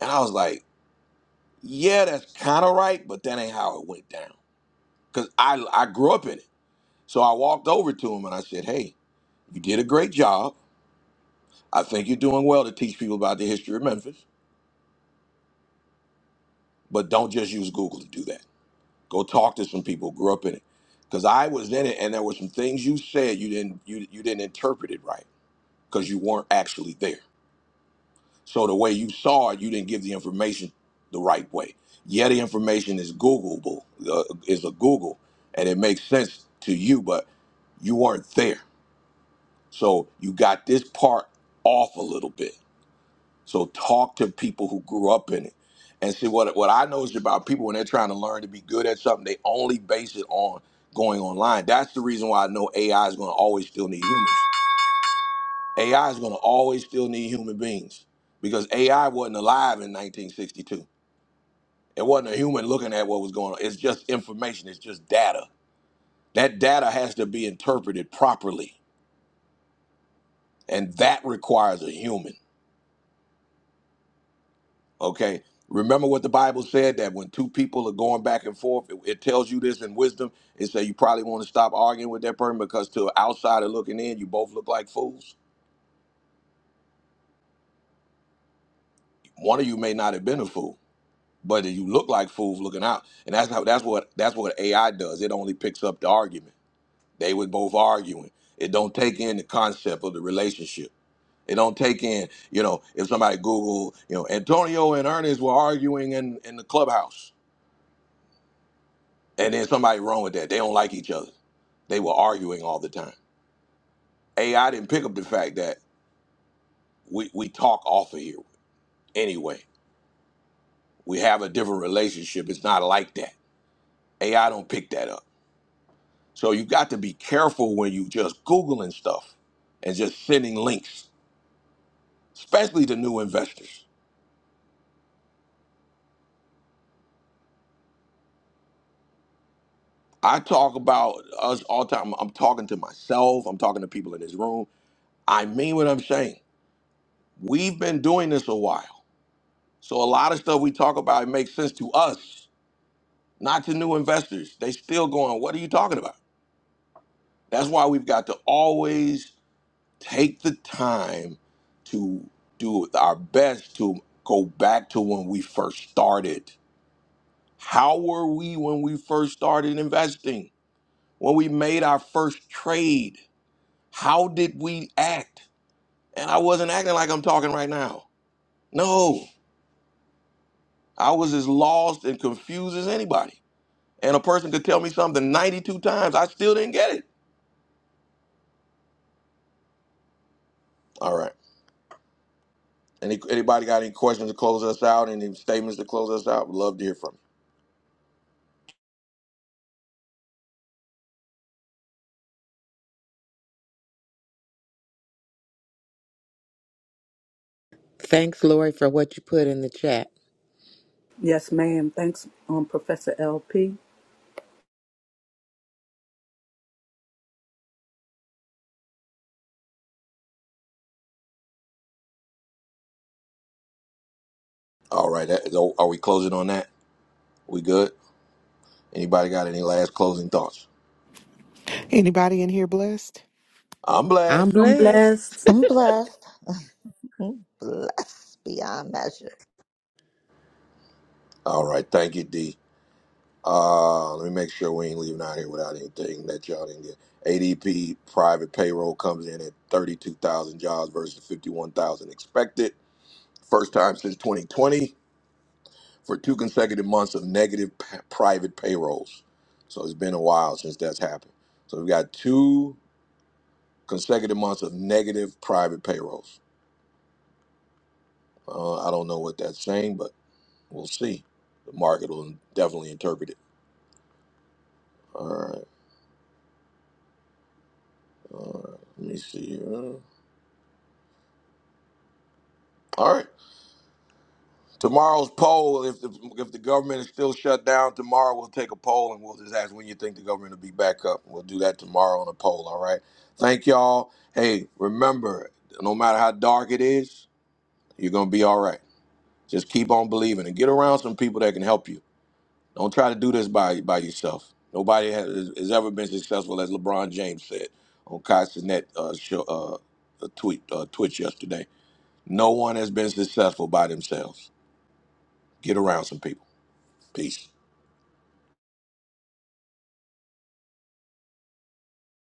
Speaker 1: And I was like, yeah, that's kind of right, but that ain't how it went down. Because I, I grew up in it. So I walked over to him and I said, hey, you did a great job. I think you're doing well to teach people about the history of Memphis. But don't just use Google to do that. Go talk to some people who grew up in it. Because I was in it, and there were some things you said you didn't you you didn't interpret it right because you weren't actually there. So the way you saw it, you didn't give the information the right way. Yeah, the information is Googleable, uh, is a Google, and it makes sense to you, but you weren't there. So you got this part off a little bit. So talk to people who grew up in it. And see what what I know is about people when they're trying to learn to be good at something, they only base it on going online. That's the reason why I know AI is gonna always still need humans. AI is gonna always still need human beings because AI wasn't alive in 1962. It wasn't a human looking at what was going on. It's just information, it's just data. That data has to be interpreted properly. And that requires a human. Okay. Remember what the Bible said that when two people are going back and forth, it, it tells you this in wisdom. It says you probably want to stop arguing with that person because to an outsider looking in, you both look like fools. One of you may not have been a fool, but you look like fools looking out. And that's how that's what that's what AI does. It only picks up the argument. They were both arguing. It don't take in the concept of the relationship. It don't take in, you know, if somebody Google, you know, Antonio and Ernest were arguing in, in the clubhouse And then somebody wrong with that. They don't like each other. They were arguing all the time. AI didn't pick up the fact that we, we talk off of here anyway. We have a different relationship. It's not like that. AI don't pick that up. So you got to be careful when you just Googling stuff and just sending links, especially to new investors. I talk about us all the time. I'm talking to myself. I'm talking to people in this room. I mean what I'm saying. We've been doing this a while. So a lot of stuff we talk about, it makes sense to us not to new investors. They still going, what are you talking about? That's why we've got to always take the time to do our best to go back to when we first started. How were we when we first started investing? When we made our first trade, how did we act? And I wasn't acting like I'm talking right now. No, I was as lost and confused as anybody. And a person could tell me something 92 times, I still didn't get it. All right. Any anybody got any questions to close us out? Any statements to close us out? We'd love to hear from you.
Speaker 6: Thanks, Lori, for what you put in the chat.
Speaker 4: Yes, ma'am. Thanks, um, Professor LP.
Speaker 1: All right, that, so are we closing on that? We good? Anybody got any last closing thoughts?
Speaker 10: Anybody in here blessed?
Speaker 1: I'm
Speaker 6: I'm
Speaker 1: blessed.
Speaker 4: I'm
Speaker 6: blessed.
Speaker 4: blessed.
Speaker 3: I'm blessed. I'm blessed beyond measure.
Speaker 1: All right, thank you, D. Uh, let me make sure we ain't leaving out here without anything that y'all didn't get. ADP private payroll comes in at 32,000 jobs versus 51,000 expected. First time since 2020 for two consecutive months of negative p- private payrolls. So it's been a while since that's happened. So we've got two consecutive months of negative private payrolls. Uh, I don't know what that's saying, but we'll see. The market will definitely interpret it. All right, let me see. here. All right, tomorrow's poll. If the if the government is still shut down tomorrow, we'll take a poll and we'll just ask when you think the government will be back up. We'll do that tomorrow on a poll. All right. Thank y'all. Hey, remember, no matter how dark it is, you're gonna be all right. Just keep on believing and get around some people that can help you. Don't try to do this by by yourself. Nobody has, has ever been successful, as LeBron James said on Kai Sinet, uh, show, uh, a tweet uh, Twitch yesterday. No one has been successful by themselves. Get around some people. Peace.